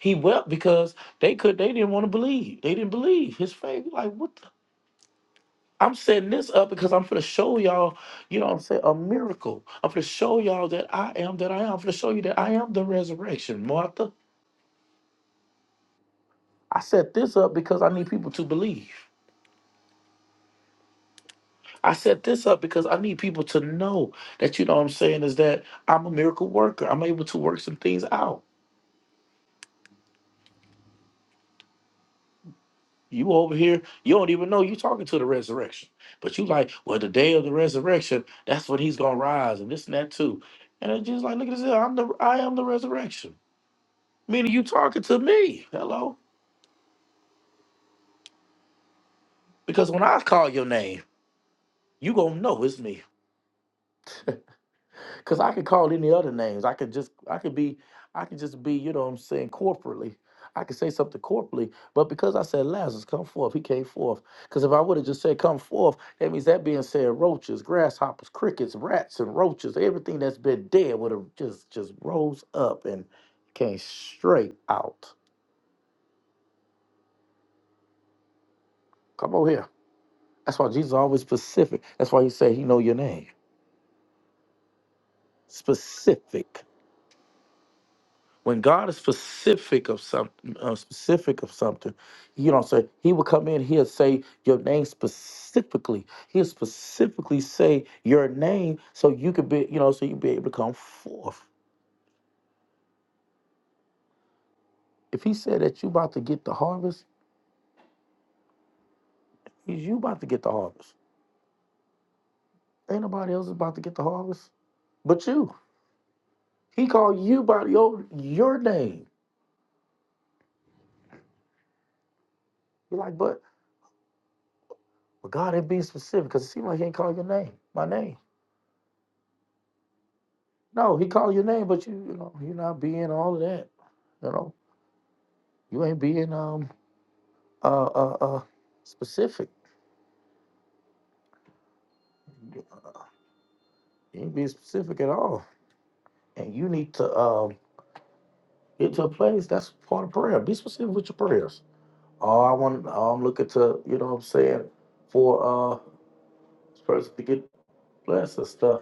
He wept because they could they didn't want to believe. They didn't believe his faith. Like what the I'm setting this up because I'm going to show y'all, you know what I'm saying, a miracle. I'm going to show y'all that I am that I am. I'm going to show you that I am the resurrection, Martha. I set this up because I need people to believe. I set this up because I need people to know that you know what I'm saying is that I'm a miracle worker. I'm able to work some things out. You over here, you don't even know you talking to the resurrection. But you like, well, the day of the resurrection, that's when he's gonna rise and this and that too. And it's just like, look at this, I'm the I am the resurrection. Meaning you talking to me. Hello. Because when I call your name, you gonna know it's me. Cause I could call any other names. I could just I could be I could just be, you know what I'm saying, corporately. I could say something corporately, but because I said Lazarus, come forth, he came forth. Because if I would have just said come forth, that means that being said, roaches, grasshoppers, crickets, rats, and roaches, everything that's been dead would have just just rose up and came straight out. Come on here. That's why Jesus always specific. That's why he said he know your name. Specific. When God is specific of something, uh, specific of something, you know, say He will come in. He'll say your name specifically. He'll specifically say your name so you could be, you know, so you be able to come forth. If He said that you about to get the harvest, is you about to get the harvest. Ain't nobody else about to get the harvest but you. He called you by your your name. You're like, but, but God ain't being specific because it seems like He ain't called your name, my name. No, he called your name, but you you know you're not being all of that. You know, you ain't being um uh uh, uh specific. You ain't being specific at all. And you need to um get to a place that's part of prayer. Be specific with your prayers. Oh, I want oh, I'm looking to you know what I'm saying for uh this person to get blessed and stuff.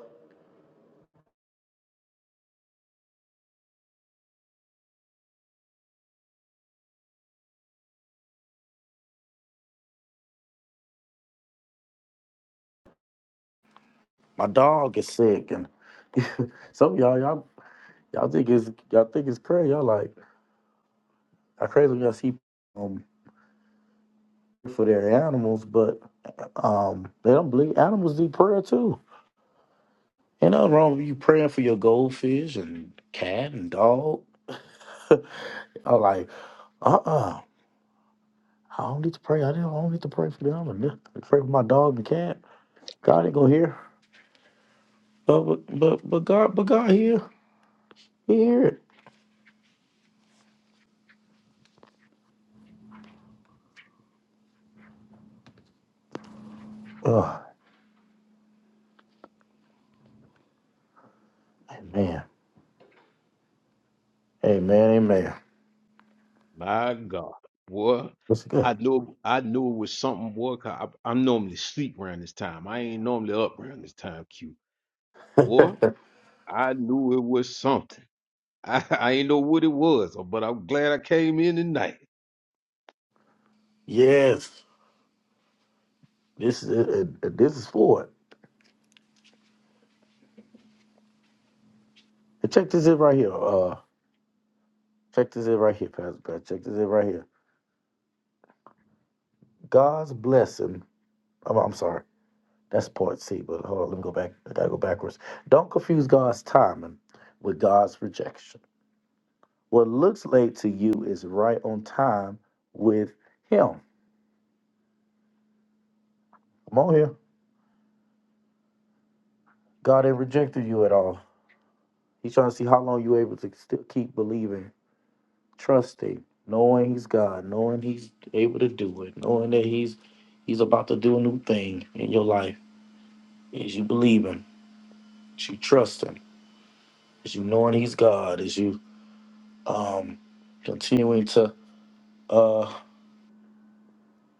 My dog is sick and some of y'all y'all y'all think it's y'all think it's crazy. Y'all like how crazy when y'all see um for their animals, but um, they don't believe animals need prayer too. Ain't nothing wrong with you praying for your goldfish and cat and dog. I'm like, uh uh I don't need to pray. I don't, I don't need to pray for them and I pray for my dog and cat. God ain't gonna hear. But but but, but God but God hear. He hear it. Oh, amen. Amen. Amen. My God. Boy, That's good. I knew I knew it was something, boy, 'cause I, I'm normally sleep around this time. I ain't normally up around this time, Q. Boy, I knew it was something. I, I ain't know what it was, uh, but I'm glad I came in tonight. yes. This is uh, uh, this is for it. And check this in right here. Uh Check this in right here, Pastor Pat. Check this in right here. God's blessing. I'm, I'm sorry. That's part C, but hold on. Let me go back. I gotta go backwards. Don't confuse God's timing with God's rejection. What looks late to you is right on time with Him. I'm on here. God ain't rejected you at all. He's trying to see how long you're able to still keep believing, trusting, knowing He's God, knowing He's able to do it, knowing that He's He's about to do a new thing in your life. Is you believe Him, is you trust Him. as you knowing he's God, as you um continuing to uh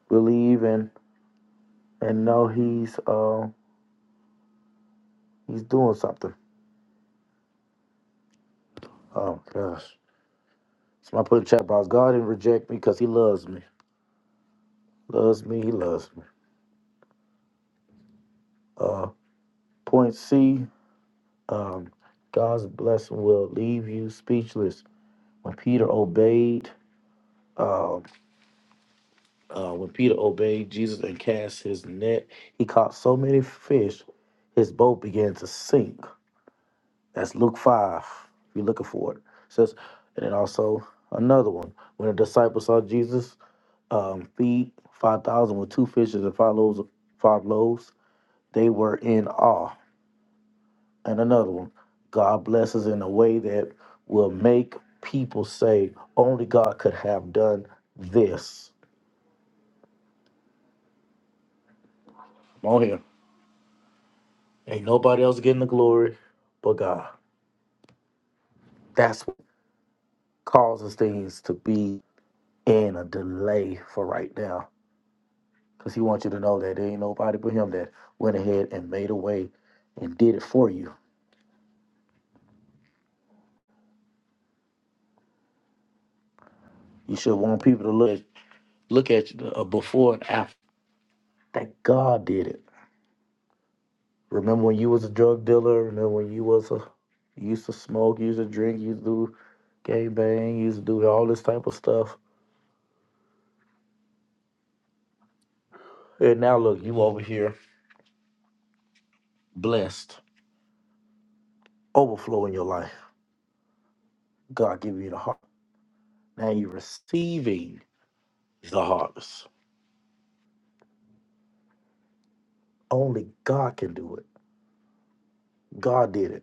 believe and and know he's uh he's doing something. Oh gosh. Somebody put in the chat box, God didn't reject me because he loves me. Loves me, he loves me. Uh point C, um, God's blessing will leave you speechless. When Peter obeyed, um, uh, when Peter obeyed Jesus and cast his net, he caught so many fish, his boat began to sink. That's Luke 5, if you're looking for it. It says, and then also another one. When the disciples saw Jesus um, feed 5,000 with two fishes and five loaves, five loaves, they were in awe. And another one, God blesses in a way that will make people say, only God could have done this. Come on here. Ain't nobody else getting the glory but God. That's what causes things to be in a delay for right now because he wants you to know that there ain't nobody but him that went ahead and made a way and did it for you. You should want people to look at, look at you uh, before and after. That God did it. Remember when you was a drug dealer? Remember when you was a you used to smoke, you used to drink, you used to do gangbang, you used to do all this type of stuff. And now look, you over here blessed, overflow in your life. God give you the heart. Now you're receiving the harvest. Only God can do it. God did it.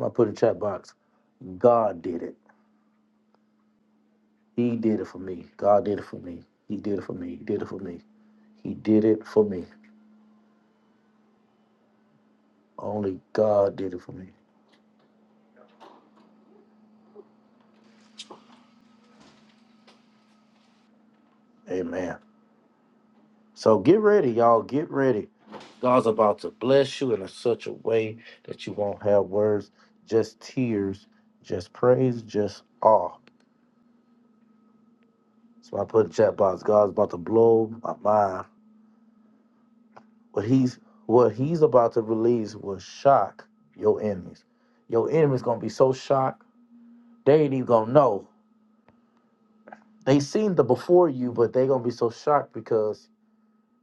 I put in the chat box. God did it. He did it for me. God did it for me. He did it for me. He did it for me. He did it for me. Only God did it for me. Amen. So get ready, y'all. Get ready. God's about to bless you in a, such a way that you won't have words, just tears, just praise, just awe. So I put in the chat box. God's about to blow my mind. What he's what he's about to release will shock your enemies. Your enemies gonna be so shocked they ain't even gonna know. they seen the before you, but they gonna be so shocked because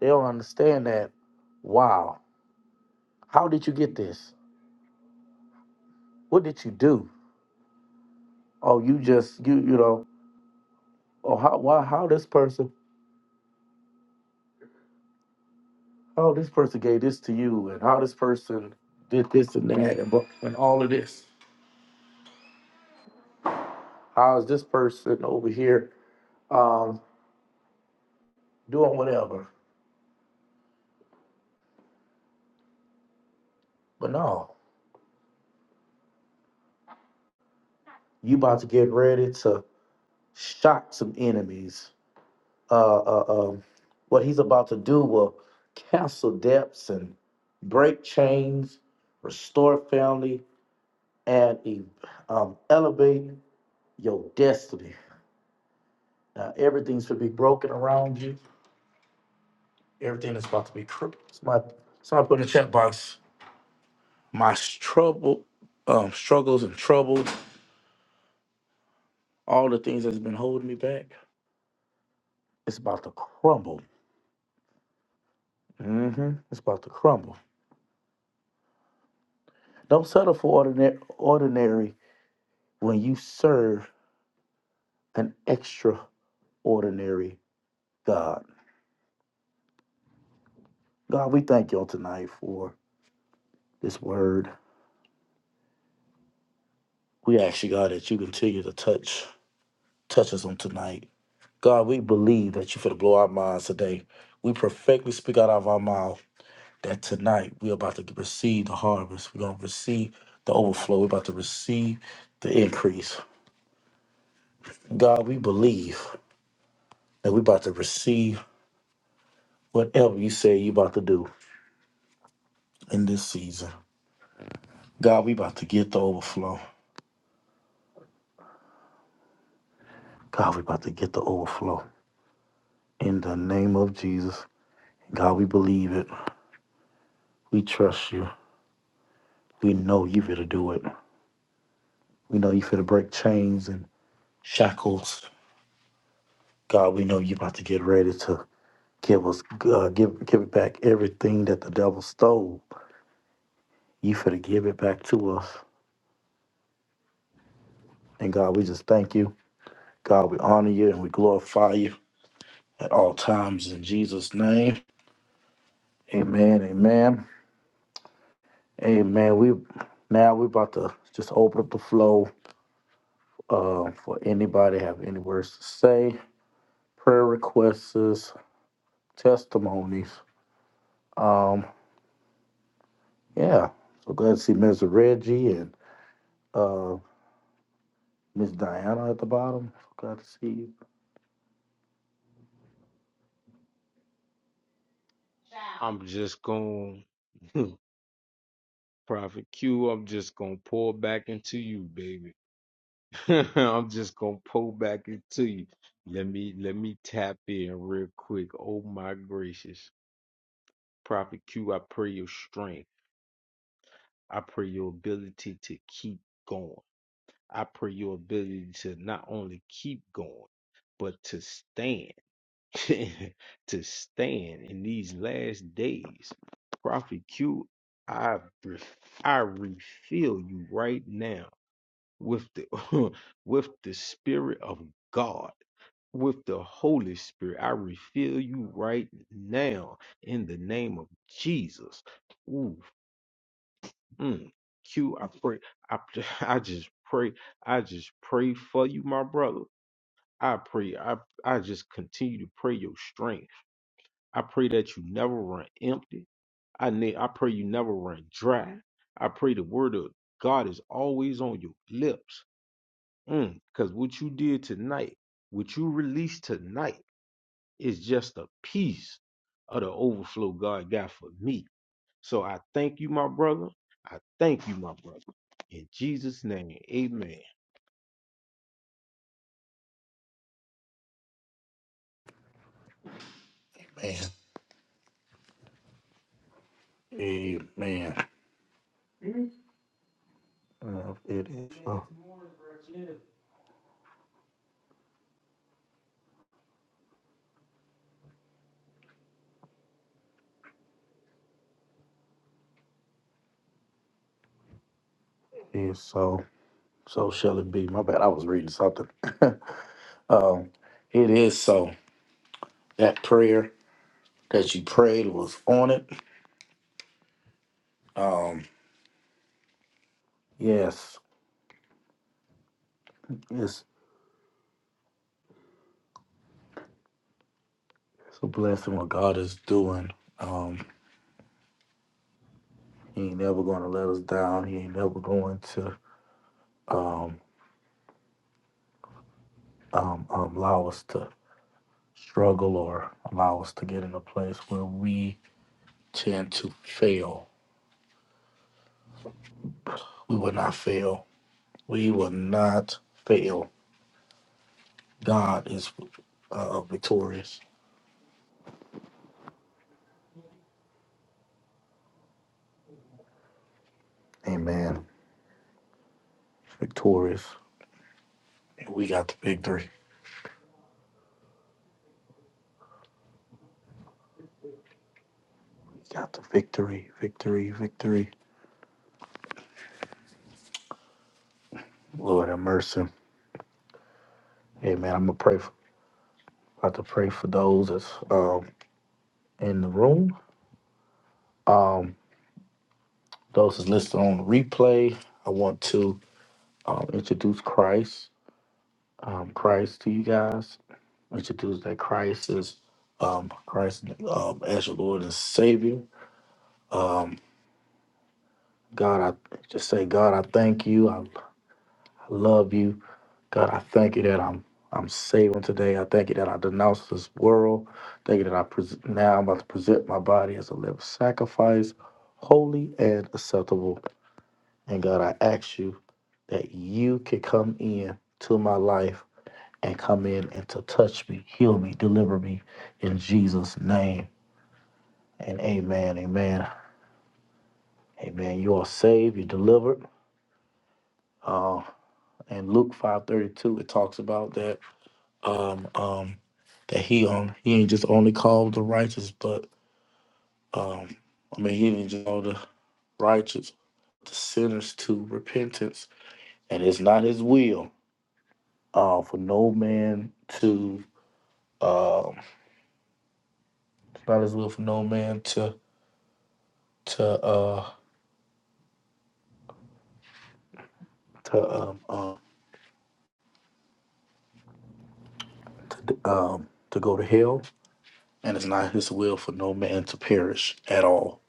they don't understand that. Wow, how did you get this? What did you do? Oh, you just you you know. Oh, how why how this person? Oh, this person gave this to you, and how this person did this and that, and, bu- and all of this. How is this person over here um, doing whatever? But no, you about to get ready to shock some enemies uh, uh, um, what he's about to do will cancel debts and break chains, restore family, and e- um, elevate your destiny. Now, everything's to be broken around you. Everything is about to be crooked. Somebody, somebody put in the chat box, my trouble, um, struggles and troubles, all the things that's been holding me back, it's about to crumble. hmm It's about to crumble. Don't settle for ordinary, ordinary when you serve an extraordinary God. God, we thank you all tonight for this word. We ask you, God, that you continue to touch, touch us on tonight. God, we believe that you're going to blow our minds today. We perfectly speak out of our mouth that tonight we're about to receive the harvest. We're going to receive the overflow. We're about to receive the increase. God, we believe that we're about to receive whatever you say you're about to do in this season. God, we are about to get the overflow. God, we about to get the overflow. In the name of Jesus. God, we believe it. We trust you. We know you finna do it. We know you finna break chains and shackles. God, we know you about to get ready to give us, uh, give, give it back everything that the devil stole. You finna give it back to us. And God, we just thank you. God, we honor you and we glorify you at all times in Jesus' name. Amen. Amen. Amen. We now we're about to just open up the flow. Uh, for anybody have any words to say, prayer requests, testimonies. Um, yeah. So glad to see Ms. Reggie and uh Miss Diana at the bottom. So glad to see you. I'm just gonna Prophet Q, I'm just gonna pour back into you, baby. I'm just gonna pull back into you. Let me let me tap in real quick. Oh my gracious. Prophet Q, I pray your strength. I pray your ability to keep going. I pray your ability to not only keep going, but to stand. to stand in these last days. Prophet Q, I ref- I refill you right now with the with the spirit of God. with the Holy Spirit. I refill you right now in the name of Jesus. Ooh, mm. Q, I pray. I, I just pray. I just pray for you, my brother. I pray. I, I just continue to pray your strength. I pray that you never run empty. I need, I pray you never run dry. I pray the word of God is always on your lips. Because what you did tonight, what you released tonight, It's just a piece of the overflow God got for me. So I thank you, my brother. I thank you, my brother. In Jesus' name, amen. Man. Amen. Uh, it is so, it is so. So shall it be. My bad. I was reading something. um, it is so. That prayer that you prayed was on it. Um, yes, it's it's a blessing what God is doing. Um, He ain't never gonna let us down. He ain't never going to um, um, um, allow us to struggle or allow us to get in a place where we tend to fail. We will not fail. We will not fail. God is uh, victorious. Amen. Victorious. And we got the victory. We got the victory. Victory. Victory. Lord have mercy. Amen. I'm gonna pray. For, about to pray for those that's um, in the room. Um, Those is listed on replay. I want to um, introduce Christ, um, Christ to you guys. Introduce that Christ is um, Christ um, as your Lord and Savior. Um, God, I just say, God, I thank you. I love you. God, I thank you that I'm I'm saving today. I thank you that I denounce this world. Thank you that I pres now I'm about to present my body as a living sacrifice, holy and acceptable. And God, I ask you. that you could come in to my life and come in and to touch me, heal me, deliver me in Jesus' name. And amen, amen, amen. You are saved, you're delivered. Uh, and Luke 5:32, it talks about that um, um, that he on he ain't just only called the righteous, but um, I mean he didn't just call the righteous, the sinners to repentance. And it's not his will uh, for no man to uh, not his will for no man to to uh to um, um to um to go to hell, and it's not his will for no man to perish at all.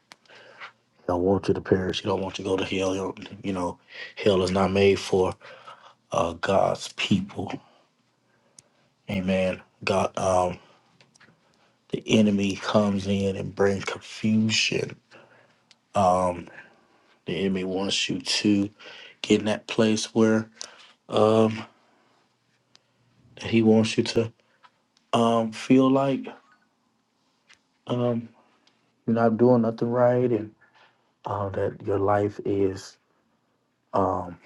He don't want you to perish. He don't want you to go to hell. You, don't, you know, hell is not made for uh God's people. Amen. God um the enemy comes in and brings confusion. Um the enemy wants you to get in that place where um he wants you to um feel like um you're not doing nothing right and uh, that your life is um,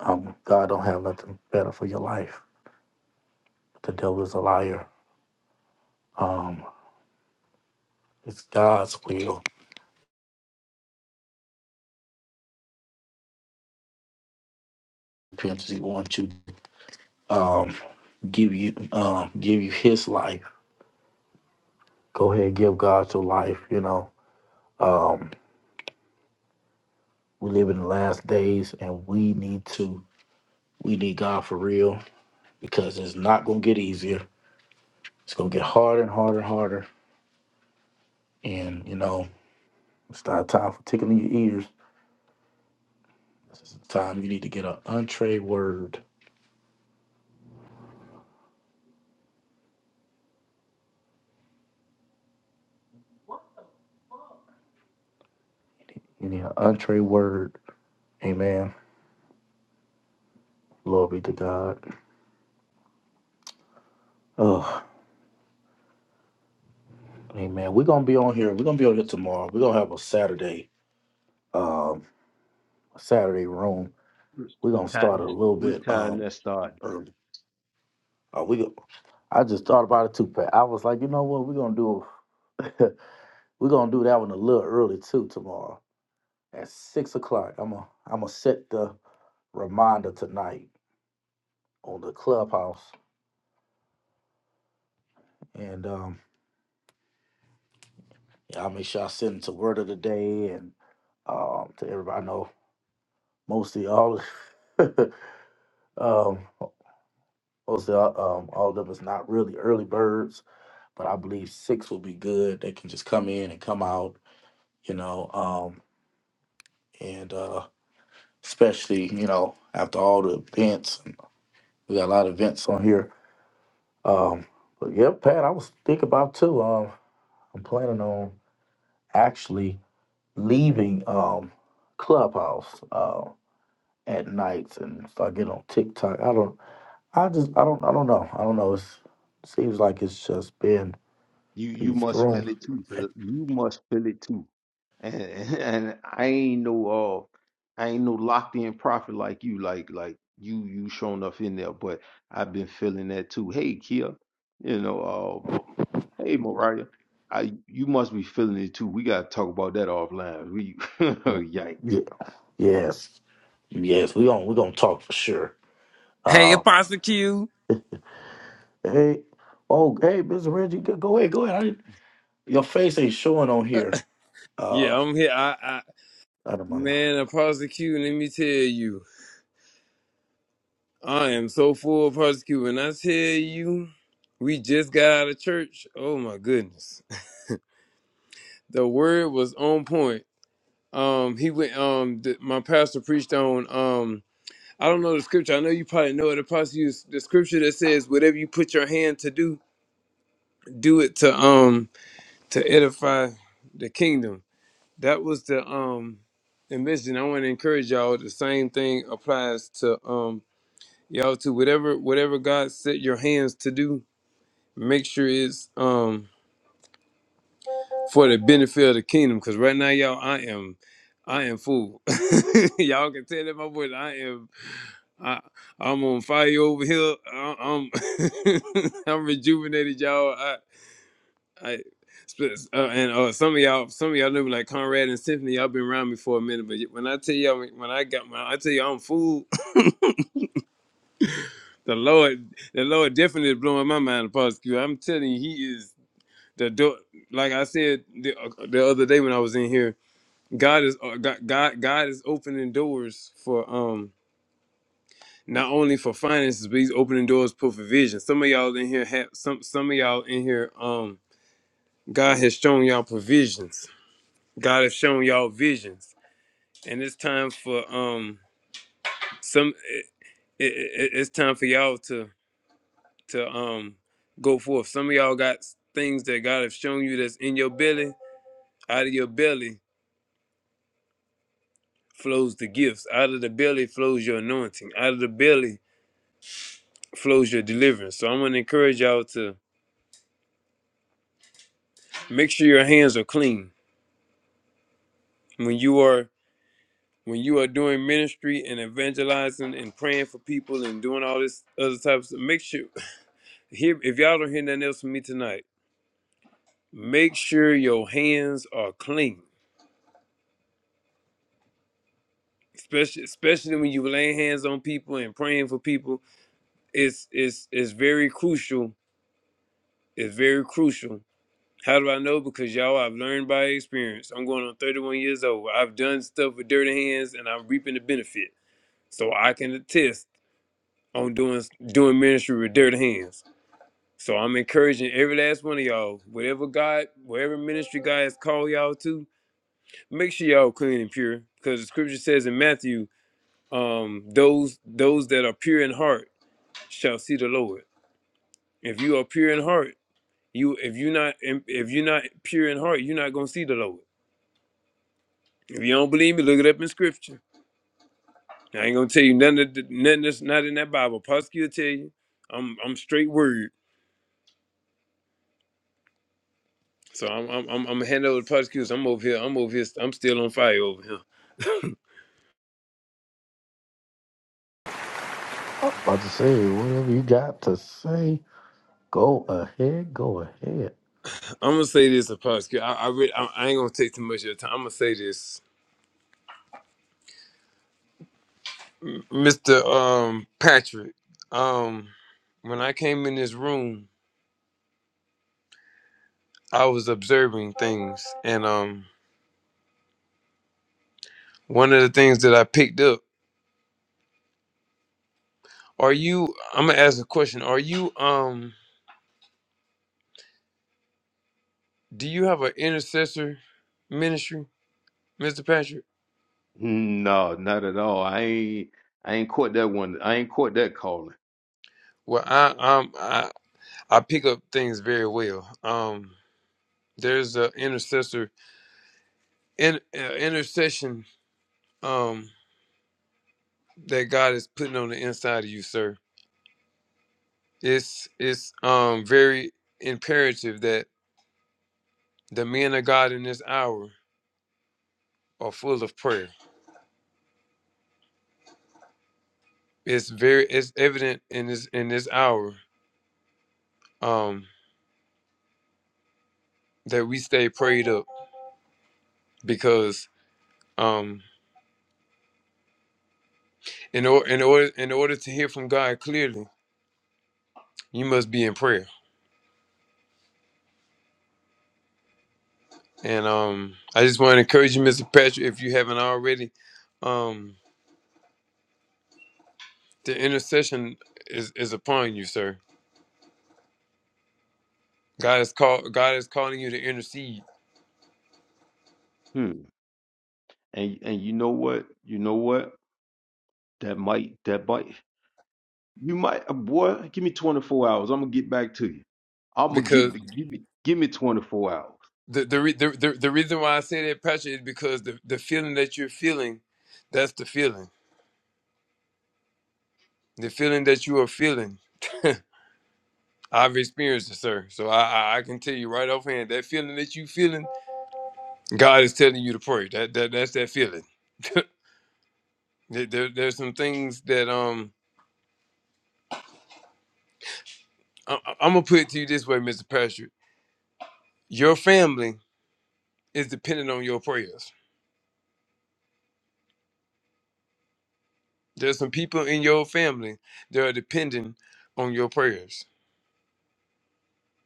um god don't have nothing better for your life the devil is a liar um it's god's will repentance he wants you um give you um give you his life go ahead give god your life you know um we live in the last days and we need to we need god for real because it's not gonna get easier it's gonna get harder and harder and harder and you know it's not time for tickling your ears This is the time you need to get an entree word. You need an entree word. Amen. Glory be to God. Oh, amen. We're gonna be on here. We're gonna be on here tomorrow. We're gonna have a Saturday, um, a Saturday room. We're gonna What start time a is little what bit time um that started? early. Are we? go- I just thought about it too, Pat. I was like, you know what? We're gonna do. we're gonna do that one a little early too tomorrow at six o'clock. I'm gonna I'm gonna set the reminder tonight on the clubhouse, and um I'll make sure I send it to Word of the Day and um, to everybody. I know mostly all um, mostly all, um, all of them is not really early birds, but I believe six will be good. They can just come in and come out, you know, um, and uh, especially you know after all the events. We got a lot of events on here. Um, but yeah, Pat, I was thinking about too. Um, I'm planning on actually leaving um, Clubhouse. uh, at nights and start getting on TikTok. I don't. I just. I don't. I don't know. I don't know. It's, it seems like it's just been You you these must rooms. feel it too, Philip. You must feel it too. And and I ain't no uh I ain't no locked in prophet like you, like like you you showing up in there, but I've been feeling that too. Hey Kia, you know, um, Hey, Mariah, I you must be feeling it too. We gotta talk about that offline. We yikes. Yeah. Yes. Yes. We gonna we gonna talk for sure. Hey, Um. Apostle Q. Hey. Oh. Hey, Mister Reggie. Go go ahead. Go ahead. I, didn't- your face ain't showing on Uh, here. Uh. Yeah, I'm here. I, I Out of my line. man, Apostle Q. Let me tell you, I am so full of Apostle Q. When I tell you, we just got out of church. Oh my goodness, the word was on point. Um, he went. Um, th- my pastor preached on. Um, I don't know the scripture. I know you probably know it. Apostle Q. The scripture that says, "Whatever you put your hand to do, do it to um to edify the kingdom." that was the um and I want to encourage y'all. The same thing applies to um y'all to whatever whatever God set your hands to do. Make sure it's um for the benefit of the kingdom. Because right now, y'all, I am I am full. y'all can tell that my voice. I am I I'm on fire over here. I, I'm I'm rejuvenated, y'all. I uh, and uh, some of y'all, some of y'all know me like Conrad and Tiffany. Y'all been around me for a minute, but when I tell y'all, when I got my, I tell y'all, I'm fooled. The Lord, the Lord definitely is blowing my mind. Apostle Q. I'm telling you, He is the door. Like I said the, uh, the other day when I was in here, God is uh, God, God, God is opening doors for um not only for finances, but He's opening doors for provision. Some of y'all in here have some. Some of y'all in here, um, God has shown y'all provisions. God has shown y'all visions and it's time for um some it, it, it- it's time for y'all to to um go forth some of y'all got things that god have shown you that's in your belly out of your belly flows the gifts out of the belly flows your anointing out of the belly flows your deliverance so i'm going to encourage y'all to make sure your hands are clean when you are when you are doing ministry and evangelizing and praying for people and doing all this other types of stuff. make sure here if y'all don't hear nothing else from me tonight Make sure your hands are clean. Especially especially when you laying hands on people and praying for people. It's it's it's very crucial. It's very crucial. How do I know? Because y'all I've learned by experience. I'm going on 31 years old. I've done stuff with dirty hands and I'm reaping the benefit. So I can attest on doing doing ministry with dirty hands. So I'm encouraging every last one of y'all, whatever God, whatever ministry God has called y'all to, make sure y'all clean and pure. Because the scripture says in Matthew um, those those that are pure in heart shall see the Lord. If you are pure in heart, you if you're not if you're not pure in heart, you're not gonna see the Lord. If you don't believe me, look it up in Scripture. I ain't gonna tell you nothing that, nothing that's not in that Bible. Prosecutor tell you, I'm I'm straight word. So I'm I'm I'm, I'm hand over the prosecutors. I'm over here. I'm over here. I'm still on fire over here. About to say whatever you got to say. Go ahead. Go ahead. I'm gonna say this to prosecutor. I I, re- I I ain't gonna take too much of your time. I'm gonna say this. M- Mr. Um, Patrick, um, when I came in this room, I was observing things, and um, one of the things that I picked up. Are you? I'm gonna ask a question. Are you? Um, do you have an intercessor ministry, Mr. Patrick? No, not at all. I ain't I ain't caught that one. I ain't caught that calling. Well, I um I I pick up things very well. Um, there's an intercessor in uh, intercession um that God is putting on the inside of you, sir It's it's um very imperative that the men of God in this hour are full of prayer. It's very it's evident in this in this hour um that we stay prayed up because um in order in order in order to hear from God clearly, you must be in prayer. And um I just want to encourage you, Mr. Patrick, if you haven't already, um the intercession is, is upon you, sir. God is call God is calling you to intercede Hmm. And and you know what? You know what? That might that might you might uh, boy. Give me twenty four hours. I'm gonna get back to you. I'm gonna get because. give me give me twenty four hours. the the, re- the the the reason why I say that, Patrick, is because the the feeling that you're feeling, that's the feeling. The feeling that you are feeling, I've experienced it, sir. So I I, I can tell you right offhand that feeling that you feeling, God is telling you to pray. That that that's that feeling. There, there- there's some things that um I, I'm gonna put it to you this way, Mr. Patrick. Your family is dependent on your prayers. There's some people in your family that are dependent on your prayers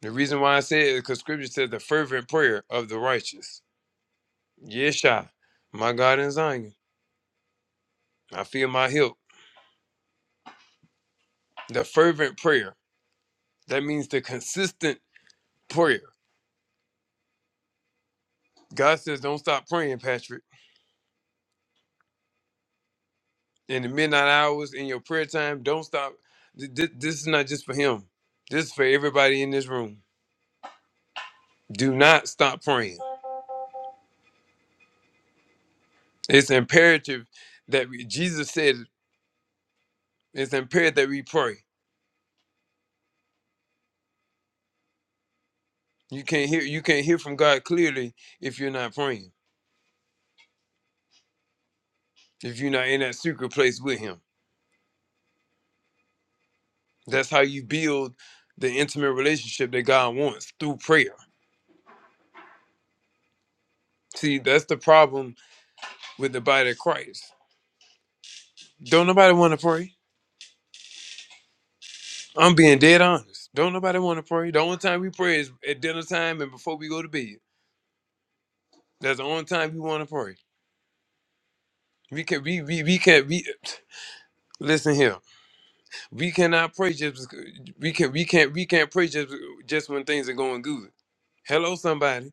The reason why I say it is because scripture says the fervent prayer of the righteous. Yesha, my God in Zion, I feel my help. The fervent prayer, that means the consistent prayer. God says, don't stop praying, Patrick. In the midnight hours, in your prayer time, don't stop. Th- th- This is not just for him, this is for everybody in this room. Do not stop praying. It's imperative that we, Jesus said it's imperative that we pray. You can't hear you can't hear from God clearly if you're not praying. if you're not in that secret place with him. That's how you build the intimate relationship that God wants through prayer. See, that's the problem with the body of Christ. Don't nobody want to pray. I'm being dead honest. Don't nobody want to pray. The only time we pray is at dinner time and before we go to bed. That's the only time we want to pray. We can we we we can't we listen here. We cannot pray just because- we can we can't we can't pray just just when things are going good. Hello, somebody.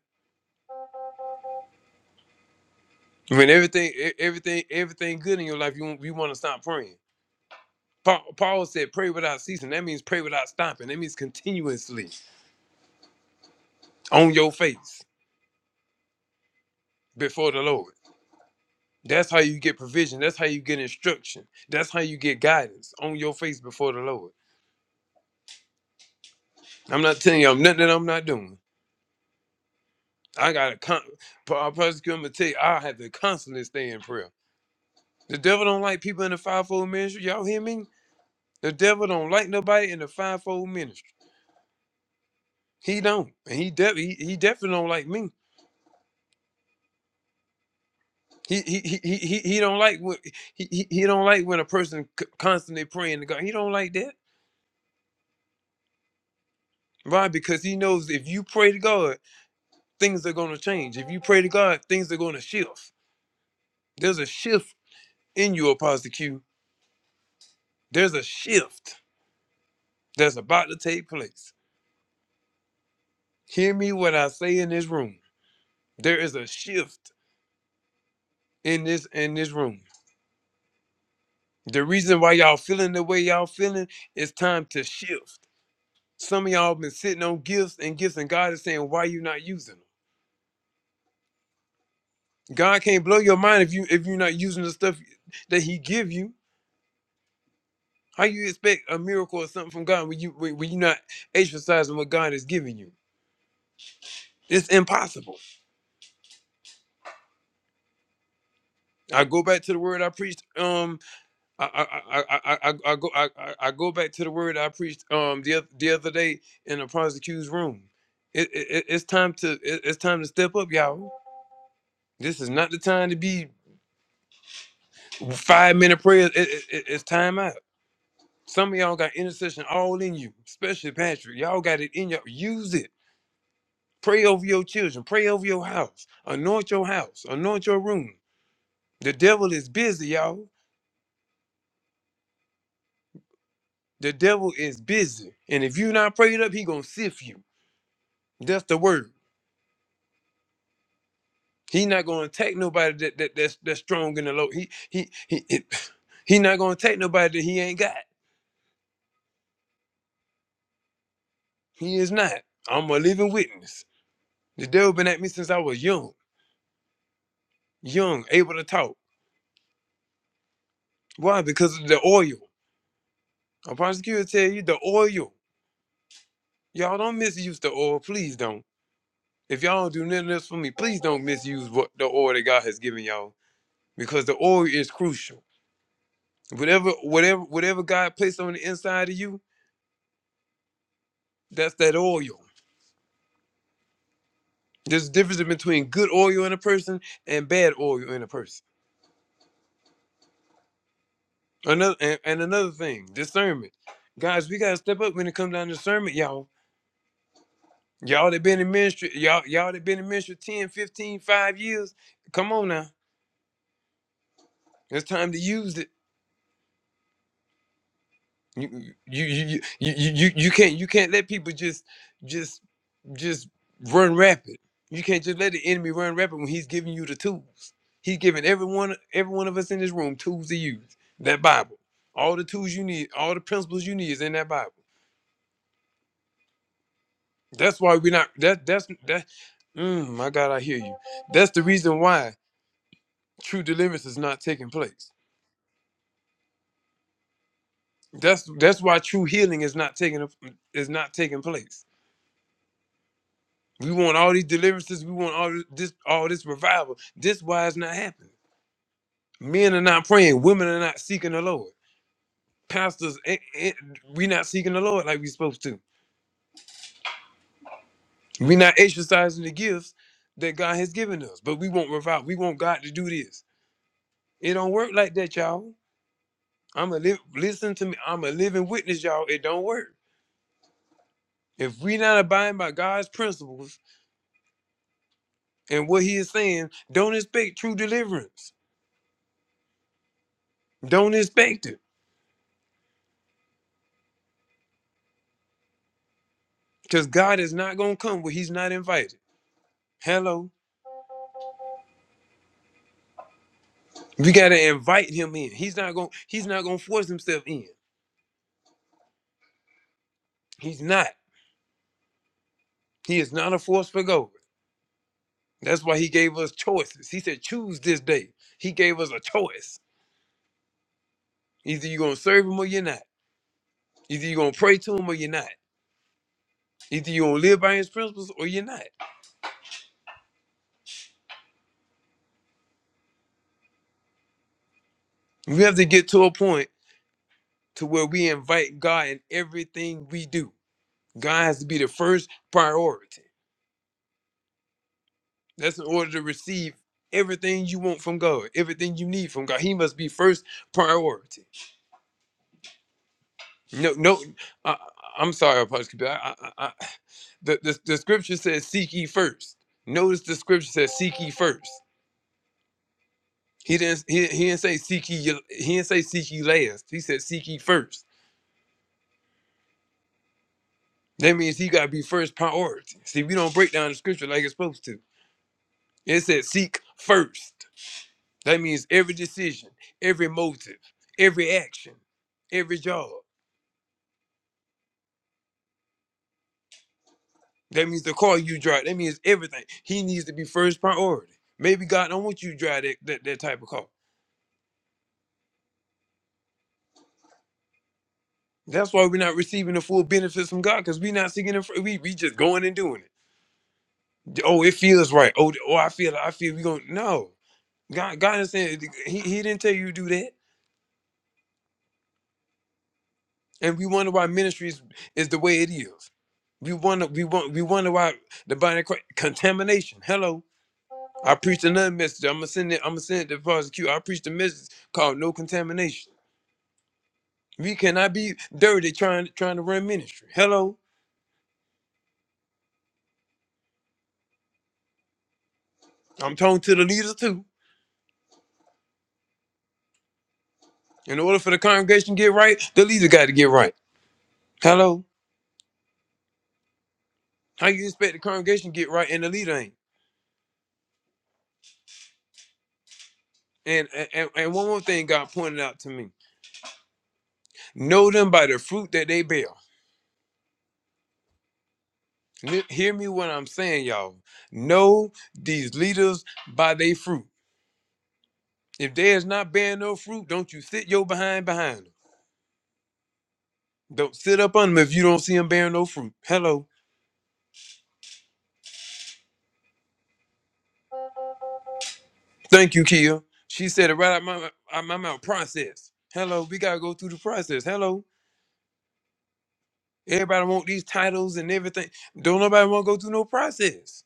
When everything, e- everything, everything good in your life, you you want to stop praying. Paul, Paul said, "Pray without ceasing." That means pray without stopping. That means continuously on your face before the Lord. That's how you get provision. That's how you get instruction. That's how you get guidance on your face before the Lord. I'm not telling y'all nothing that I'm not doing. I got to con. Paul, Prosecutor, I'm gonna tell you, I have to constantly stay in prayer. The devil don't like people in the fivefold ministry. Y'all hear me? The devil don't like nobody in the fivefold ministry. He don't. He def he, he definitely don't like me. He he he he he he don't like when he, he he don't like when a person c- constantly praying to God. He don't like that. Why? Because he knows if you pray to God, things are gonna change. If you pray to God, things are gonna shift. There's a shift in you, Apostle Q. There's a shift that's about to take place. Hear me what I say in this room. There is a shift in this in this room. The reason why y'all feeling the way y'all feeling, it's time to shift. Some of y'all been sitting on gifts and gifts, and God is saying, "Why you not using them?" God can't blow your mind if you if you're not using the stuff that He give you. How you expect a miracle or something from God when you when, when you're not exercising what God is giving you? It's impossible. I go back to the word I preached. Um, I I I I, I I go I, I I go back to the word I preached um the oth- the other day in the prosecutor's room. It, it, it- it's time to it, it's time to step up, y'all. This is not the time to be. Five minute prayer it, it, it- it's time out. Some of y'all got intercession all in you, especially Patrick. Y'all got it in y'all. Use it. Pray over your children. Pray over your house. Anoint your house. Anoint your room. The devil is busy, y'all. The devil is busy. And if you not prayed up, he gonna sift you. That's the word. He not gonna take nobody that, that that's that's strong in the Lord. He he he he, he not gonna take nobody that he ain't got. He is not. I'm a living witness. The devil been at me since I was young. young, able to talk. Why? Because of the oil. A prosecutor tell you the oil. Y'all don't misuse the oil. Please don't. If y'all don't do nothing else for me, please don't misuse what the oil that God has given y'all. Because the oil is crucial. Whatever, whatever, whatever God placed on the inside of you, that's that oil. There's a difference between good oil in a person and bad oil in a person. Another and, and another thing, discernment. Guys, we gotta step up when it comes down to discernment, y'all. Y'all that been in ministry, y'all, y'all that been in ministry 10, 15, 5 years. Come on now. It's time to use it. You you you you you, you, you can't you can't let people just just just run rapid. You can't just let the enemy run rapid when he's giving you the tools. He's giving every one, every one of us in this room tools to use. That Bible. All the tools you need, all the principles you need is in that Bible. That's why we're not that that's that mm, my God, I hear you. That's the reason why true deliverance is not taking place That's that's why true healing is not taking is not taking place. We want all these deliverances. We want all this all this revival. This why it's not happening. Men are not praying. Women are not seeking the Lord. Pastors, eh, eh, we not seeking the Lord like we supposed to. We not exercising the gifts that God has given us. But we want revival. We want God to do this. It don't work like that, y'all. I'm a live. Listen to me. I'm a living witness, y'all. It don't work. If we not abiding by God's principles And what he is saying, don't expect true deliverance. Don't expect it. Because God is not gonna come where he's not invited. Hello. We gotta invite him in. He's not gonna he's not gonna force himself in. He's not. He is not a force for God. That's why he gave us choices. He said, choose this day. He gave us a choice. Either you're gonna serve him or you're not. Either you're gonna pray to him or you're not. Either you're gonna live by his principles or you're not. We have to get to a point to where we invite God in everything we do. God has to be the first priority. That's in order to receive everything you want from God, everything you need from God. He must be first priority. No, no, I, I'm sorry, Apostle. Kabir. I, I, I, the, the the scripture says, "Seek ye first. Notice the scripture says, "Seek ye first. He didn't he, he didn't say seek ye he didn't say seek ye last. He said seek ye first. That means he got to be first priority. See, we don't break down the scripture like it's supposed to. It said seek first. That means every decision, every motive, every action, every job. That means the car you drive. That means everything. He needs to be first priority. Maybe God don't want you to drive that, that, that type of car. That's why we're not receiving the full benefits from God because we're not seeking it. fir- We we just going and doing it. Oh, it feels right. Oh, th- oh, I feel I feel we going no. God God is saying he, he didn't tell you to do that. And we wonder why ministry is, is the way it is. We wonder we want we wonder why the body of Christ- contamination. Hello I preached another message. I'm gonna send it. I'm gonna send it to prosecute. I preached a message called "No Contamination." We cannot be dirty trying trying to run ministry. Hello, I'm talking to the leaders too. In order for the congregation to get right, the leader got to get right. Hello, how you expect the congregation to get right and the leader ain't? And and, and one more thing God pointed out to me: know them by the fruit that they bear. Li- Hear me what I'm saying, y'all. Know these leaders by their fruit. If they is not bearing no fruit, don't you sit your behind behind 'em. Don't sit up under 'em if you don't see them bearing no fruit. Hello. Thank you, Kia. She said it right out my out my mouth. Process. Hello. We gotta go through the process. Hello. Everybody want these titles and everything. Don't nobody want to go through no process.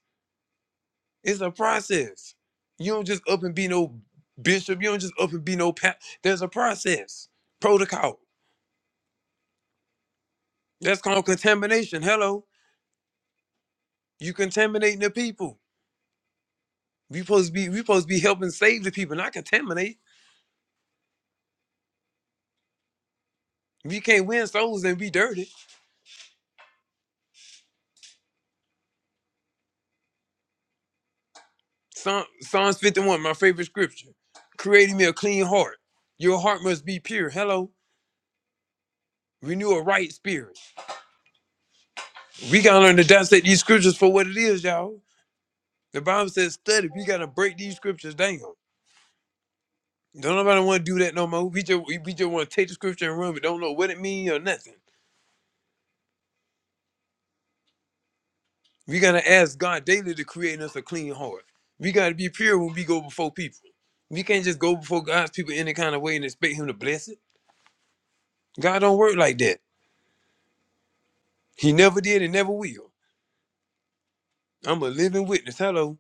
It's a process. You don't just up and be no bishop. You don't just up and be no pa- There's a process. Protocol. That's called contamination. Hello. You contaminating the people. We supposed to be we supposed to be helping save the people, not contaminate. We can't win souls and be dirty. Psalm, Psalms 51, my favorite scripture. Creating me a clean heart. Your heart must be pure. Hello. Renew a right spirit. We gotta learn to dissect these scriptures for what it is, y'all. The Bible says study. We gotta break these scriptures down. Don't nobody want to do that no more. We just we, we just want to take the scripture and run, but don't know what it means or nothing. We gotta ask God daily to create in us a clean heart. We gotta be pure when we go before people. We can't just go before God's people any kind of way and expect Him to bless it. God don't work like that. He never did and never will. I'm a living witness. Hello.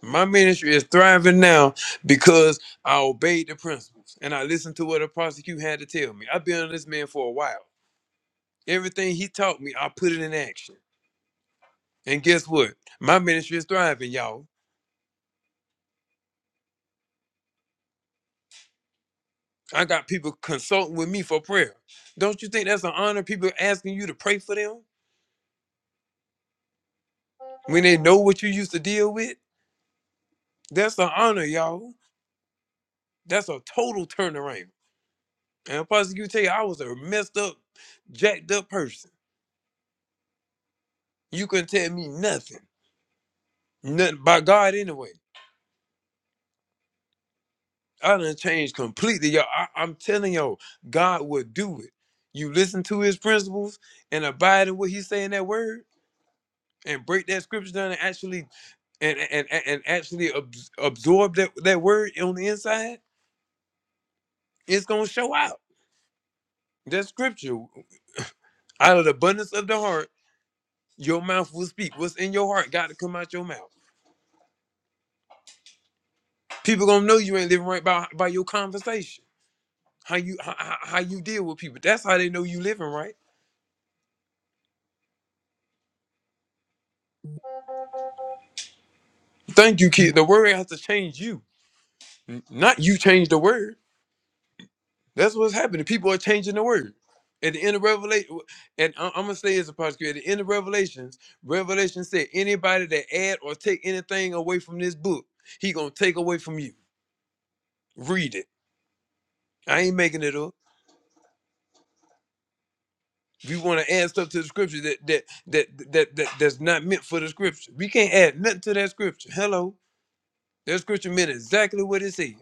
My ministry is thriving now because I obeyed the principles and I listened to what the prosecutor had to tell me. I've been on this man for a while. Everything he taught me, I put it in action. And guess what? My ministry is thriving, y'all. I got people consulting with me for prayer. Don't you think that's an honor? People asking you to pray for them when they know what you used to deal with? That's an honor, y'all. That's a total turnaround. And a prosecutor tell you I was a messed up, jacked up person. You can tell me nothing, nothing by God anyway. I done changed completely, y'all. I, am telling y'all, God will do it. You listen to His principles and abide in what He say in that word, and break that scripture down, and actually and and and, and actually ab- absorb that that word on the inside. It's gonna show out. That scripture, out of the abundance of the heart, your mouth will speak. What's in your heart got to come out your mouth. People gonna know you ain't living right by by your conversation. How you how, how how you deal with people. That's how they know you living right. Thank you, kid. The word has to change you, N- not you change the word. That's what's happening. People are changing the word. At the end of Revelation, and I'm gonna say this, Apostle. At the end of Revelations, Revelation said, anybody that add or take anything away from this book, he gonna take away from you. Read it. I ain't making it up. We want to add stuff to the scripture that that, that that that that's not meant for the scripture. We can't add nothing to that scripture. Hello, that scripture meant exactly what it said.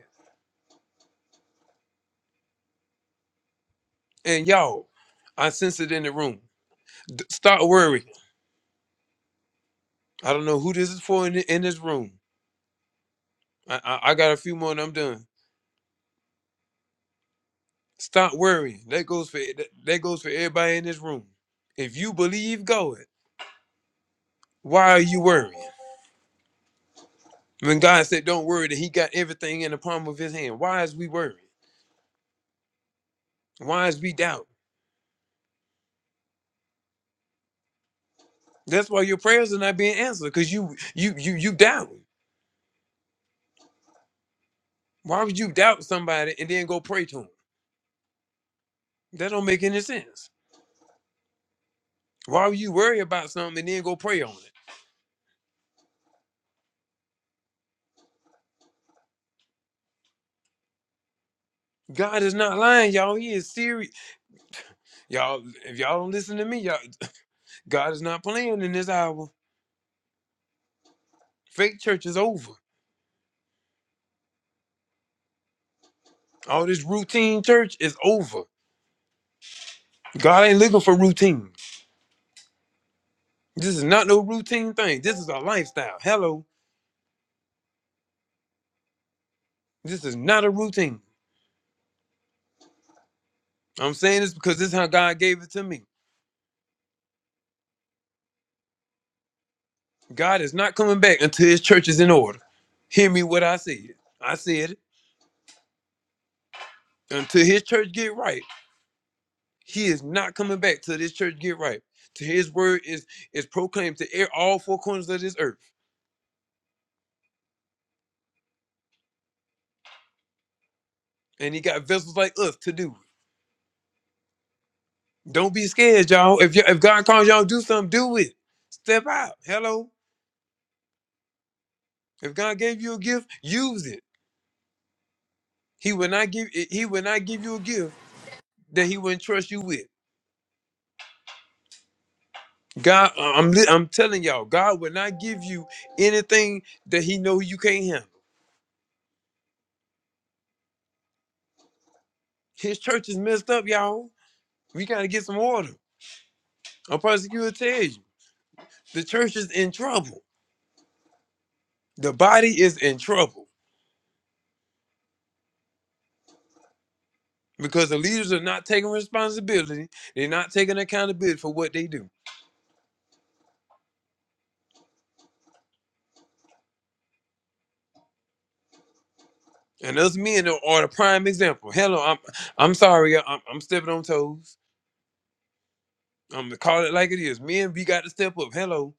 And y'all, I sense it in the room. D- stop worrying. I don't know who this is for in, the, in this room. I, I I got a few more and I'm done. Stop worrying. That goes for e, that that goes for everybody in this room. If you believe God, why are you worrying? When God said, "Don't worry," that He got everything in the palm of His hand. Why is we worrying? Why is we doubting? That's why your prayers are not being answered because you you you you doubt. Why would you doubt somebody and then go pray to him? That don't make any sense. Why would you worry about something and then go pray on it? God is not lying, y'all. He is serious. Y'all, if y'all don't listen to me, y'all, God is not playing in this hour. Fake church is over. All this routine church is over. God ain't looking for routine. This is not no routine thing. This is a lifestyle. Hello. This is not a routine. I'm saying this because this is how God gave it to me. God is not coming back until his church is in order. Hear me what I said. I said, until his church get right. He is not coming back till this church get right. Till his word is is proclaimed to air all four corners of this earth. And he got vessels like us to do it. Don't be scared, y'all. If you if God calls y'all to do something, do it. Step out. Hello. If God gave you a gift, use it. He will not give eh, he will not give you a gift that he wouldn't trust you with. God, I'm li- I'm telling y'all, God will not give you anything that he know you can't handle. His church is messed up, y'all. We gotta get some order. I'm prosecutor tell you. The church is in trouble. The body is in trouble because the leaders are not taking responsibility. They're not taking accountability for what they do. And us men are, are the prime example. Hello, I'm I'm sorry, I'm, I'm stepping on toes. I'm gonna call it like it is. Men, we got to step up. Hello,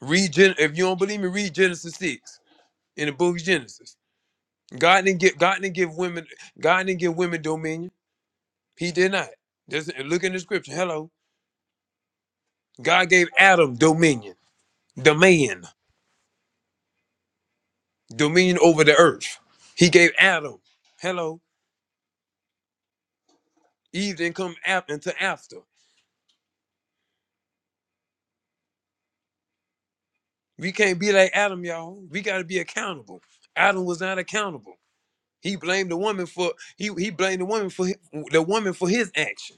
read Gen- if you don't believe me, read Genesis six in the book of Genesis. God didn't give God didn't give women God didn't give women dominion. He did not. Just look in the scripture. Hello, God gave Adam dominion, the man. dominion over the earth. He gave Adam, hello, Eve didn't come af- until after. We can't be like Adam, y'all. We got to be accountable. Adam was not accountable. He blamed the woman for he he blamed the woman for his, the woman for his action.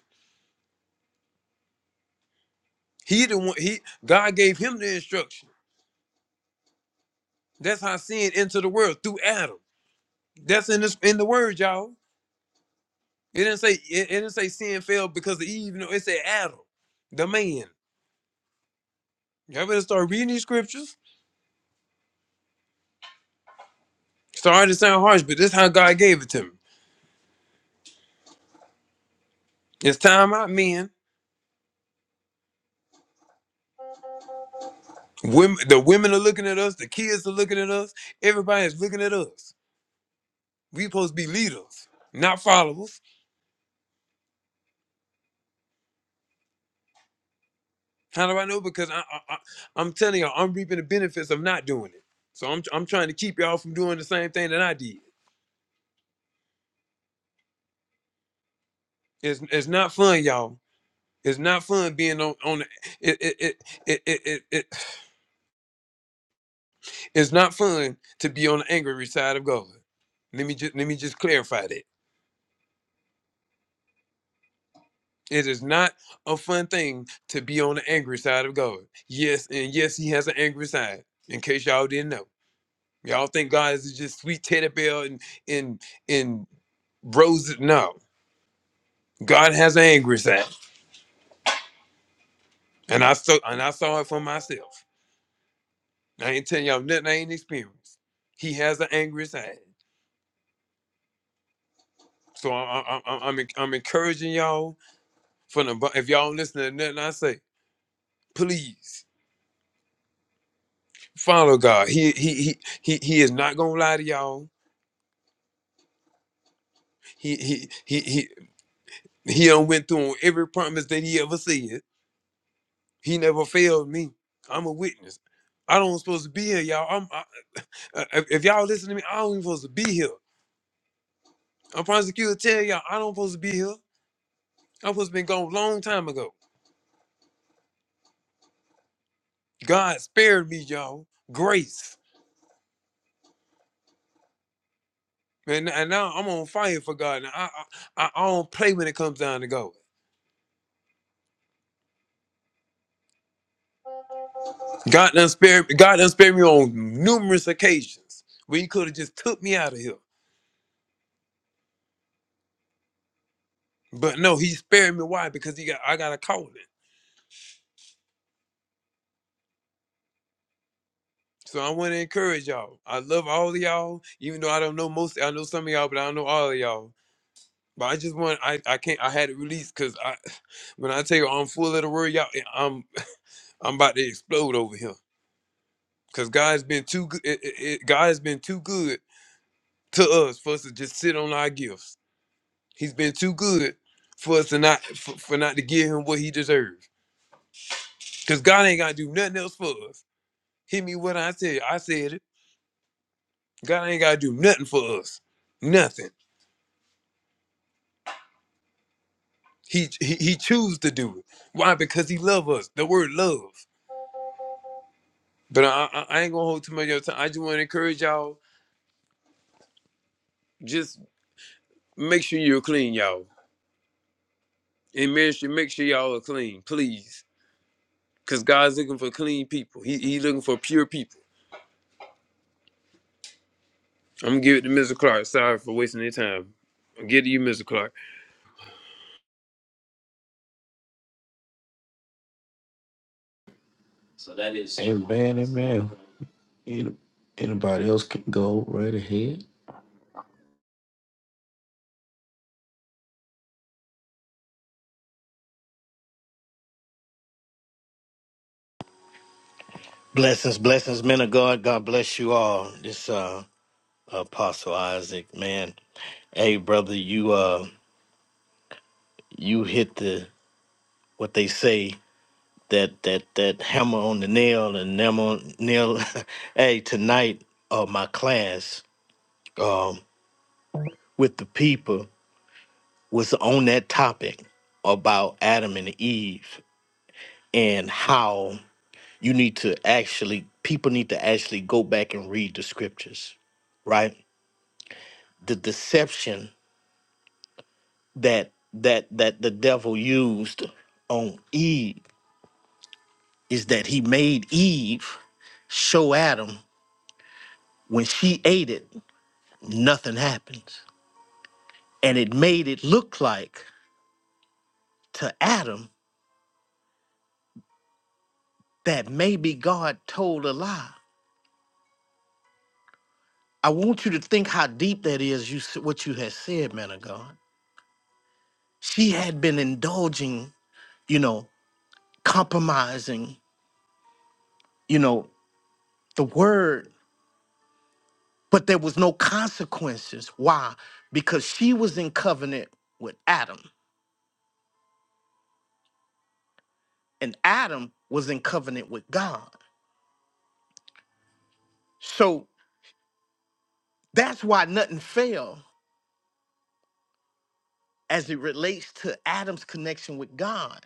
He the one he God gave him the instruction. That's how sin entered the world through Adam. That's in this in the word, y'all. It didn't say it, it didn't say sin fell because of Eve. No, it said Adam, the man. Y'all better start reading these scriptures. Sorry to sound harsh, but this is how God gave it to me. It's time out, men. Women, the women are looking at us. The kids are looking at us. Everybody is looking at us. We supposed to be leaders, not followers. How do I know? Because I, I, I, I'm telling y'all, I'm reaping the benefits of not doing it. So I'm, I'm trying to keep y'all from doing the same thing that I did. It's, it's not fun, y'all. It's not fun being on on. The, it, it, it, it, it, it, it, it's not fun to be on the angry side of God. Let me just let me just clarify that. It is not a fun thing to be on the angry side of God. Yes, and yes, he has an angry side, in case y'all didn't know. Y'all think God is just sweet teddy bear and and and roses. No. God has an angry side. And I saw and I saw it for myself. I ain't telling y'all nothing I ain't experienced. He has an angry side. So I, I, I, I'm I'm encouraging y'all from the, if y'all listen to nothing I say, please follow God. He he he he, he is not gonna lie to y'all. He he he he he done went through on every promise that he ever said. He never failed me. I'm a witness. I don't supposed to be here, y'all. I'm I, uh, if if y'all listen to me, I don't even supposed to be here. I'm prosecutor tell y'all I don't supposed to be here. I supposed to been gone a long time ago. God spared me, y'all. Grace. And, and now I'm on fire for God. Now I, I I don't play when it comes down to God. God done spared God done spared me on numerous occasions where he could have just took me out of here. But no, he spared me. Why? Because he got I got a calling. So I want to encourage y'all. I love all of y'all, even though I don't know most. I know some of y'all, but I don't know all of y'all. But I just want I I can't I had it released because I when I tell you I'm full of the word, y'all eh, I'm I'm about to explode over here. Cause God's been too good. It, it- it- God has been too good to us for us to just sit on our gifts. He's been too good for us to not for, for not to give him what he deserves. Cause God ain't gotta do nothing else for us. Hit me what I said. I said it. God ain't gotta do nothing for us. Nothing. He he, he choose to do it. Why? Because he love us. The word love. But I, I, I ain't gonna hold too much of your time. I just wanna encourage y'all. Just make sure you're clean, y'all. And ministry, make sure y'all are clean, please. Cause God's looking for clean people. He he looking for pure people. I'm gonna give it to Mr. Clark. Sorry for wasting your time. I'll give it to you, Mr. Clark. Amen. Amen. Any- Anybody else can go right ahead. Blessings, blessings, men of God. God bless you all. This uh Apostle Isaac, man. Hey brother, you uh you hit the what they say that that that hammer on the nail and nail on nail hey tonight uh my class um with the people was on that topic about Adam and Eve and how you need to actually people need to actually go back and read the scriptures right? The deception that that that the devil used on Eve is that he made Eve show Adam when she ate it, nothing happens. And it made it look like to Adam that maybe God told a lie. I want you to think how deep that is, you s- what you had said, man of God. She had been indulging, you know, compromising, you know, the word but there was no consequences. Why? Because she was in covenant with Adam, and Adam was in covenant with God. So that's why nothing fell as it relates to Adam's connection with God.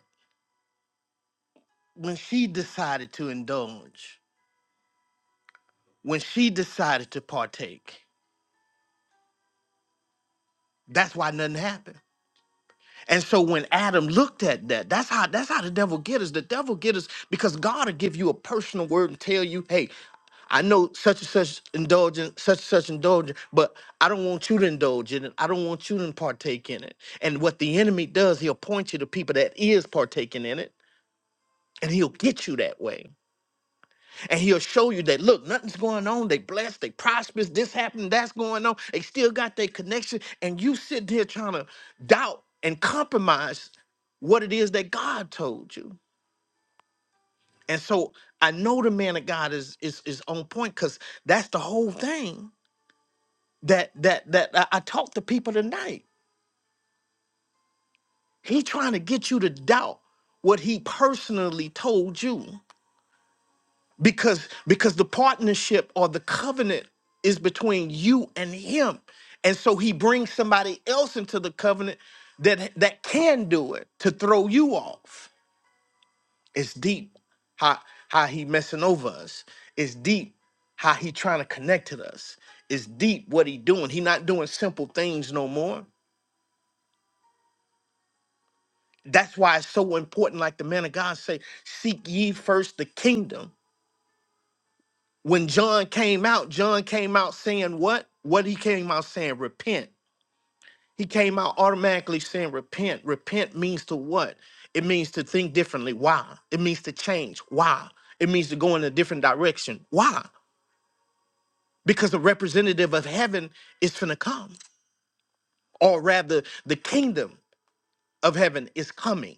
When she decided to indulge, when she decided to partake, that's why nothing happened. And so when Adam looked at that, that's how that's how the devil get us. The devil get us because God will give you a personal word and tell you, hey, I know such and such indulgent, such and such indulgent, but I don't want you to indulge in it. I don't want you to partake in it. And what the enemy does, he'll point you to people that is partaking in it, and he'll get you that way. And he'll show you that look, nothing's going on. They blessed, they prosperous, this happened, that's going on. They still got their connection. And you sit there trying to doubt and compromise what it is that God told you. And so I know the man of God is is is on point because that's the whole thing that that that I, I talked to people tonight. He trying to get you to doubt what he personally told you because because the partnership or the covenant is between you and him. And so he brings somebody else into the covenant that that can do it to throw you off. It's deep how how he messing over us. It's deep how he trying to connect to us. It's deep what he doing. He not doing simple things no more. That's why it's so important, like the man of God say, seek ye first the kingdom. When John came out, John came out saying what? What he came out saying, repent. He came out automatically saying, repent. Repent means to what? It means to think differently. Why? It means to change. Why? It means to go in a different direction. Why? Because the representative of heaven is finna come, or rather, the kingdom of heaven is coming.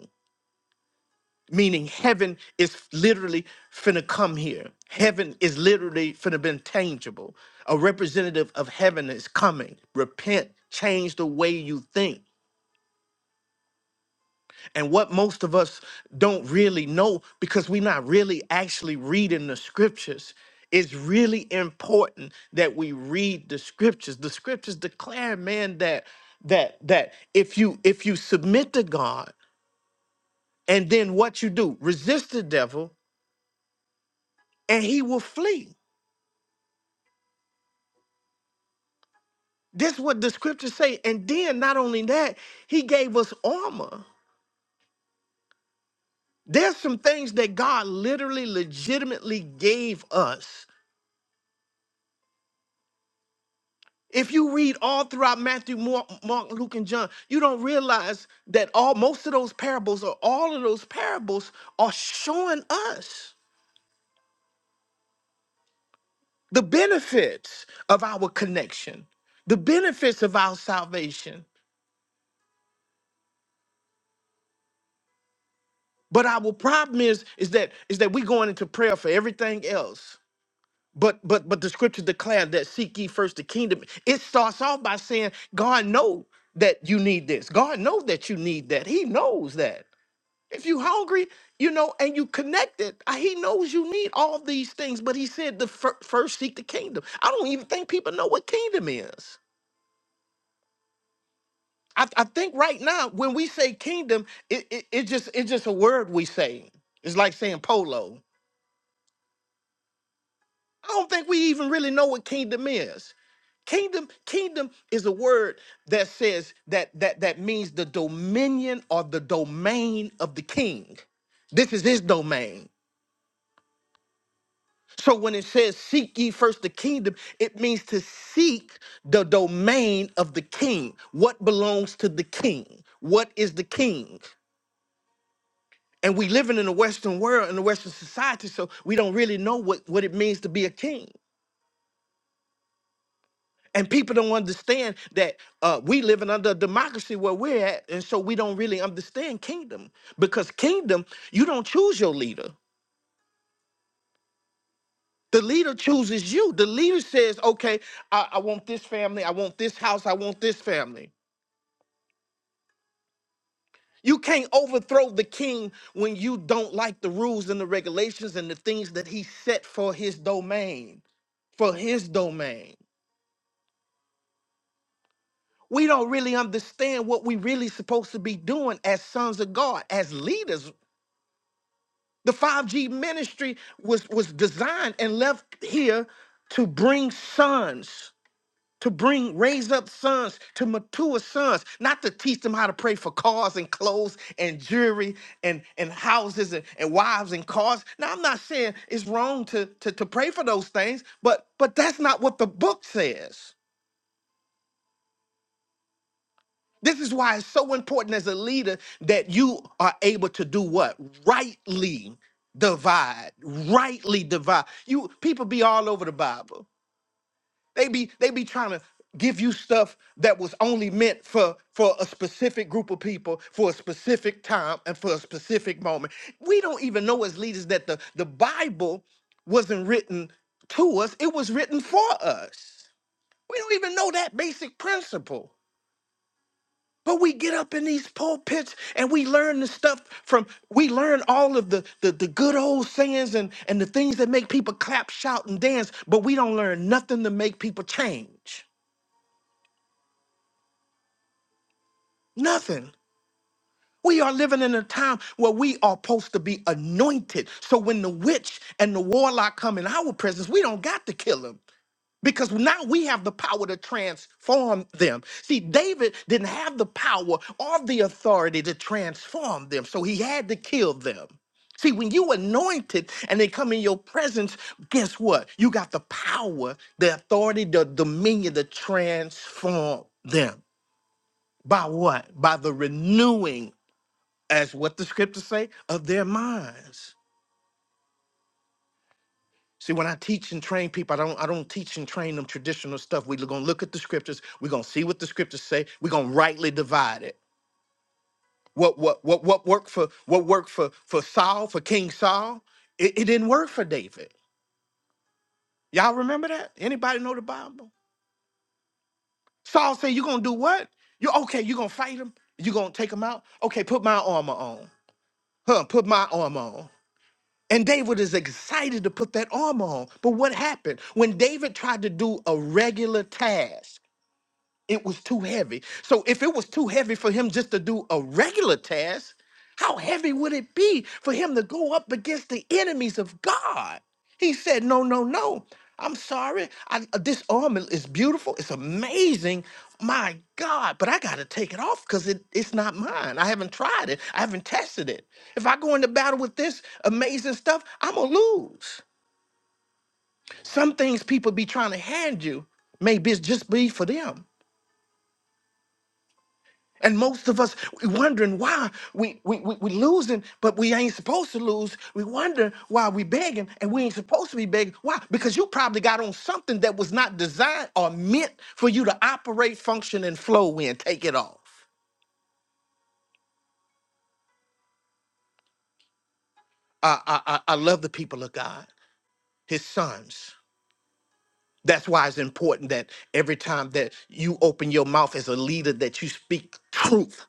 meaning heaven is literally finna come here. Heaven is literally finna be tangible. A representative of heaven is coming. Repent, change the way you think. And what most of us don't really know because we're not really actually reading the scriptures. It's really important that we read the scriptures. The scriptures declare, man, that that that if you if you submit to God and then what you do, resist the devil and he will flee. This is what the scriptures say. And then not only that, he gave us armor. There's some things that God literally legitimately gave us. If you read all throughout Matthew, Mark, Mark, Luke, and John, you don't realize that all most of those parables or all of those parables are showing us the benefits of our connection, the benefits of our salvation. But our problem is is that is that we going into prayer for everything else But but but the scripture declared that seek ye first the kingdom. It starts off by saying God know that you need this. God know that you need that. He knows that. If you hungry, you know, and you connected, uh, he knows you need all these things. But he said the fir- first seek the kingdom. I don't even think people know what kingdom is. I, I think right now when we say kingdom, it, it it just it's just a word we say. It's like saying polo. I don't think we even really know what kingdom is. Kingdom, kingdom is a word that says that that that means the dominion or the domain of the king. This is his domain. So when it says seek ye first the kingdom, it means to seek the domain of the king. What belongs to the king? What is the king? And we living in the Western world, in the Western society, so we don't really know what, what it means to be a king. and people don't understand that uh, we living under a democracy where we're at and so we don't really understand kingdom because kingdom you don't choose your leader the leader chooses you the leader says okay I, I want this family i want this house i want this family you can't overthrow the king when you don't like the rules and the regulations and the things that he set for his domain for his domain we don't really understand what we really supposed to be doing as sons of god as leaders The 5G ministry was, was designed and left here to bring sons, to bring, raise up sons, to mature sons, not to teach them how to pray for cars and clothes and jewelry and, and houses and, and wives and cars. Now, I'm not saying it's wrong to, to, to pray for those things, but, but that's not what the book says. This is why it's so important as a leader that you are able to do what? Rightly divide. Rightly divide. You people be all over the Bible. They be they be trying to give you stuff that was only meant for for a specific group of people for a specific time and for a specific moment. We don't even know as leaders that the the Bible wasn't written to us. It was written for us. We don't even know that basic principle. But we get up in these pulpits and we learn the stuff from we learn all of the the, the good old sayings and, and the things that make people clap, shout, and dance, but we don't learn nothing to make people change. Nothing. We are living in a time where we are supposed to be anointed. So when the witch and the warlock come in our presence, we don't got to kill them. because now we have the power to transform them. See, David didn't have the power or the authority to transform them, so he had to kill them. See, when you anointed and they come in your presence, guess what? You got the power, the authority, the dominion to transform them. By what? By the renewing, as what the scriptures say, of their minds. See, when I teach and train people, I don't I don't teach and train them traditional stuff. We're gonna look at the scriptures, we're gonna see what the scriptures say, we're gonna rightly divide it. What what what what worked for what worked for for Saul, for King Saul, it, it didn't work for David. Y'all remember that? Anybody know the Bible? Saul said, You're gonna do what? You okay, you're gonna fight him, you're gonna take him out. Okay, put my armor on. Huh, put my armor on. And David is excited to put that armor on. But what happened? When David tried to do a regular task, It was too heavy. So if it was too heavy for him just to do a regular task, how heavy would it be for him to go up against the enemies of God? He said, No, no, no. I'm sorry. I, uh, this armor is beautiful. It's amazing. My God. But I got to take it off because it, it's not mine. I haven't tried it, I haven't tested it. If I go into battle with this amazing stuff, I'm going to lose. Some things people be trying to hand you, maybe it's just be for them. And most of us we wondering why we we we, we losing, but we ain't supposed to lose. We wonder why we begging, and we ain't supposed to be begging. Why? Because you probably got on something that was not designed or meant for you to operate, function, and flow in. Take it off. I I I I love the people of God, His sons. That's why it's important that every time that you open your mouth as a leader, that you speak truth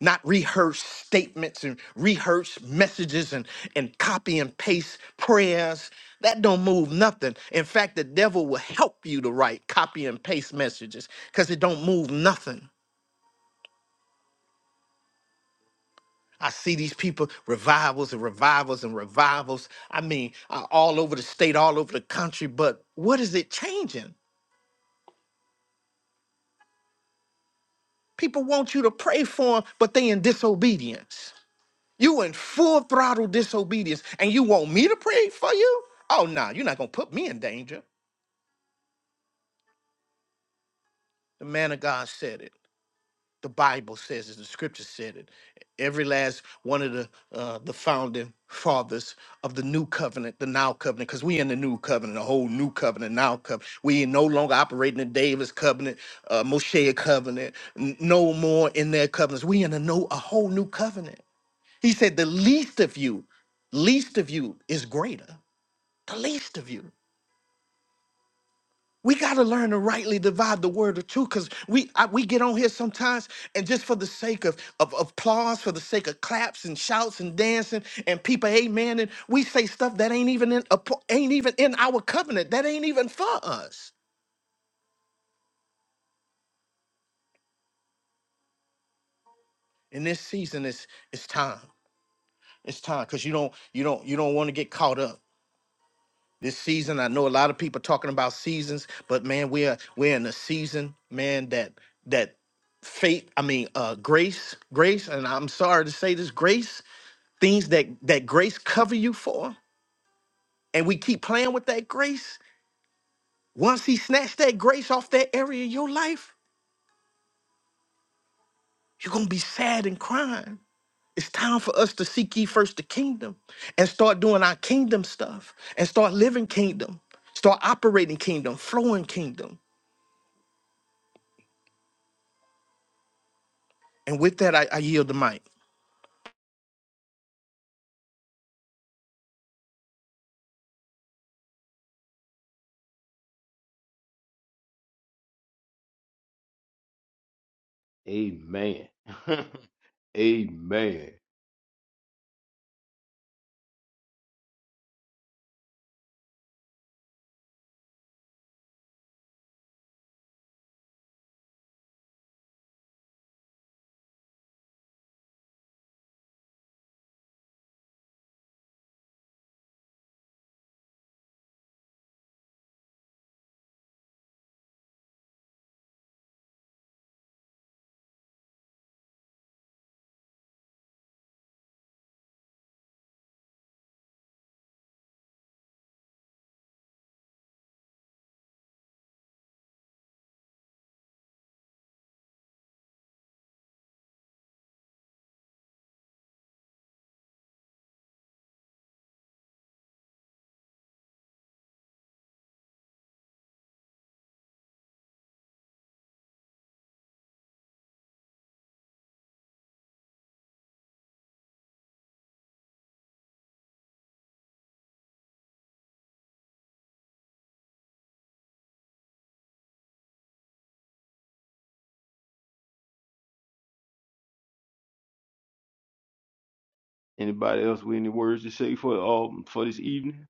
not rehearse statements and rehearse messages and, and copy and paste prayers. That don't move nothing. In fact, the devil will help you to write copy and paste messages because it don't move nothing. I see these people, revivals and revivals and revivals. I mean, uh, all over the state, all over the country, but what is it changing? People want you to pray for them, but they in disobedience. You in full throttle disobedience, and you want me to pray for you? Oh no, you're not gonna put me in danger. The man of God said it. The Bible says it. The Scripture said it. Every last one of the uh, the founding fathers of the new covenant, the now covenant, because we in the new covenant, a whole new covenant, now covenant. We no longer operating in David's covenant, uh, Mosaic covenant, n- no more in their covenants. We in a no a whole new covenant. He said, "The least of you, least of you is greater." the least of you. We got to learn to rightly divide the word of truth because we I, we get on here sometimes and just for the sake of, of of applause, for the sake of claps and shouts and dancing and people amen, and we say stuff that ain't even in appo- ain't even in our covenant. That ain't even for us. In this season, it's it's time. It's time because you don't you don't you don't want to get caught up. This season, I know a lot of people talking about seasons, but man, we're we're in a season, man, that that faith, I mean, uh grace, grace, and I'm sorry to say this, grace, things that that grace cover you for, and we keep playing with that grace. Once he snatched that grace off that area of your life, you're gonna be sad and crying. It's time for us to seek ye first the kingdom and start doing our kingdom stuff and start living kingdom, start operating kingdom, flowing kingdom. And with that, I, I yield the mic. Amen. Amen. Anybody else with any words to say for um for this evening?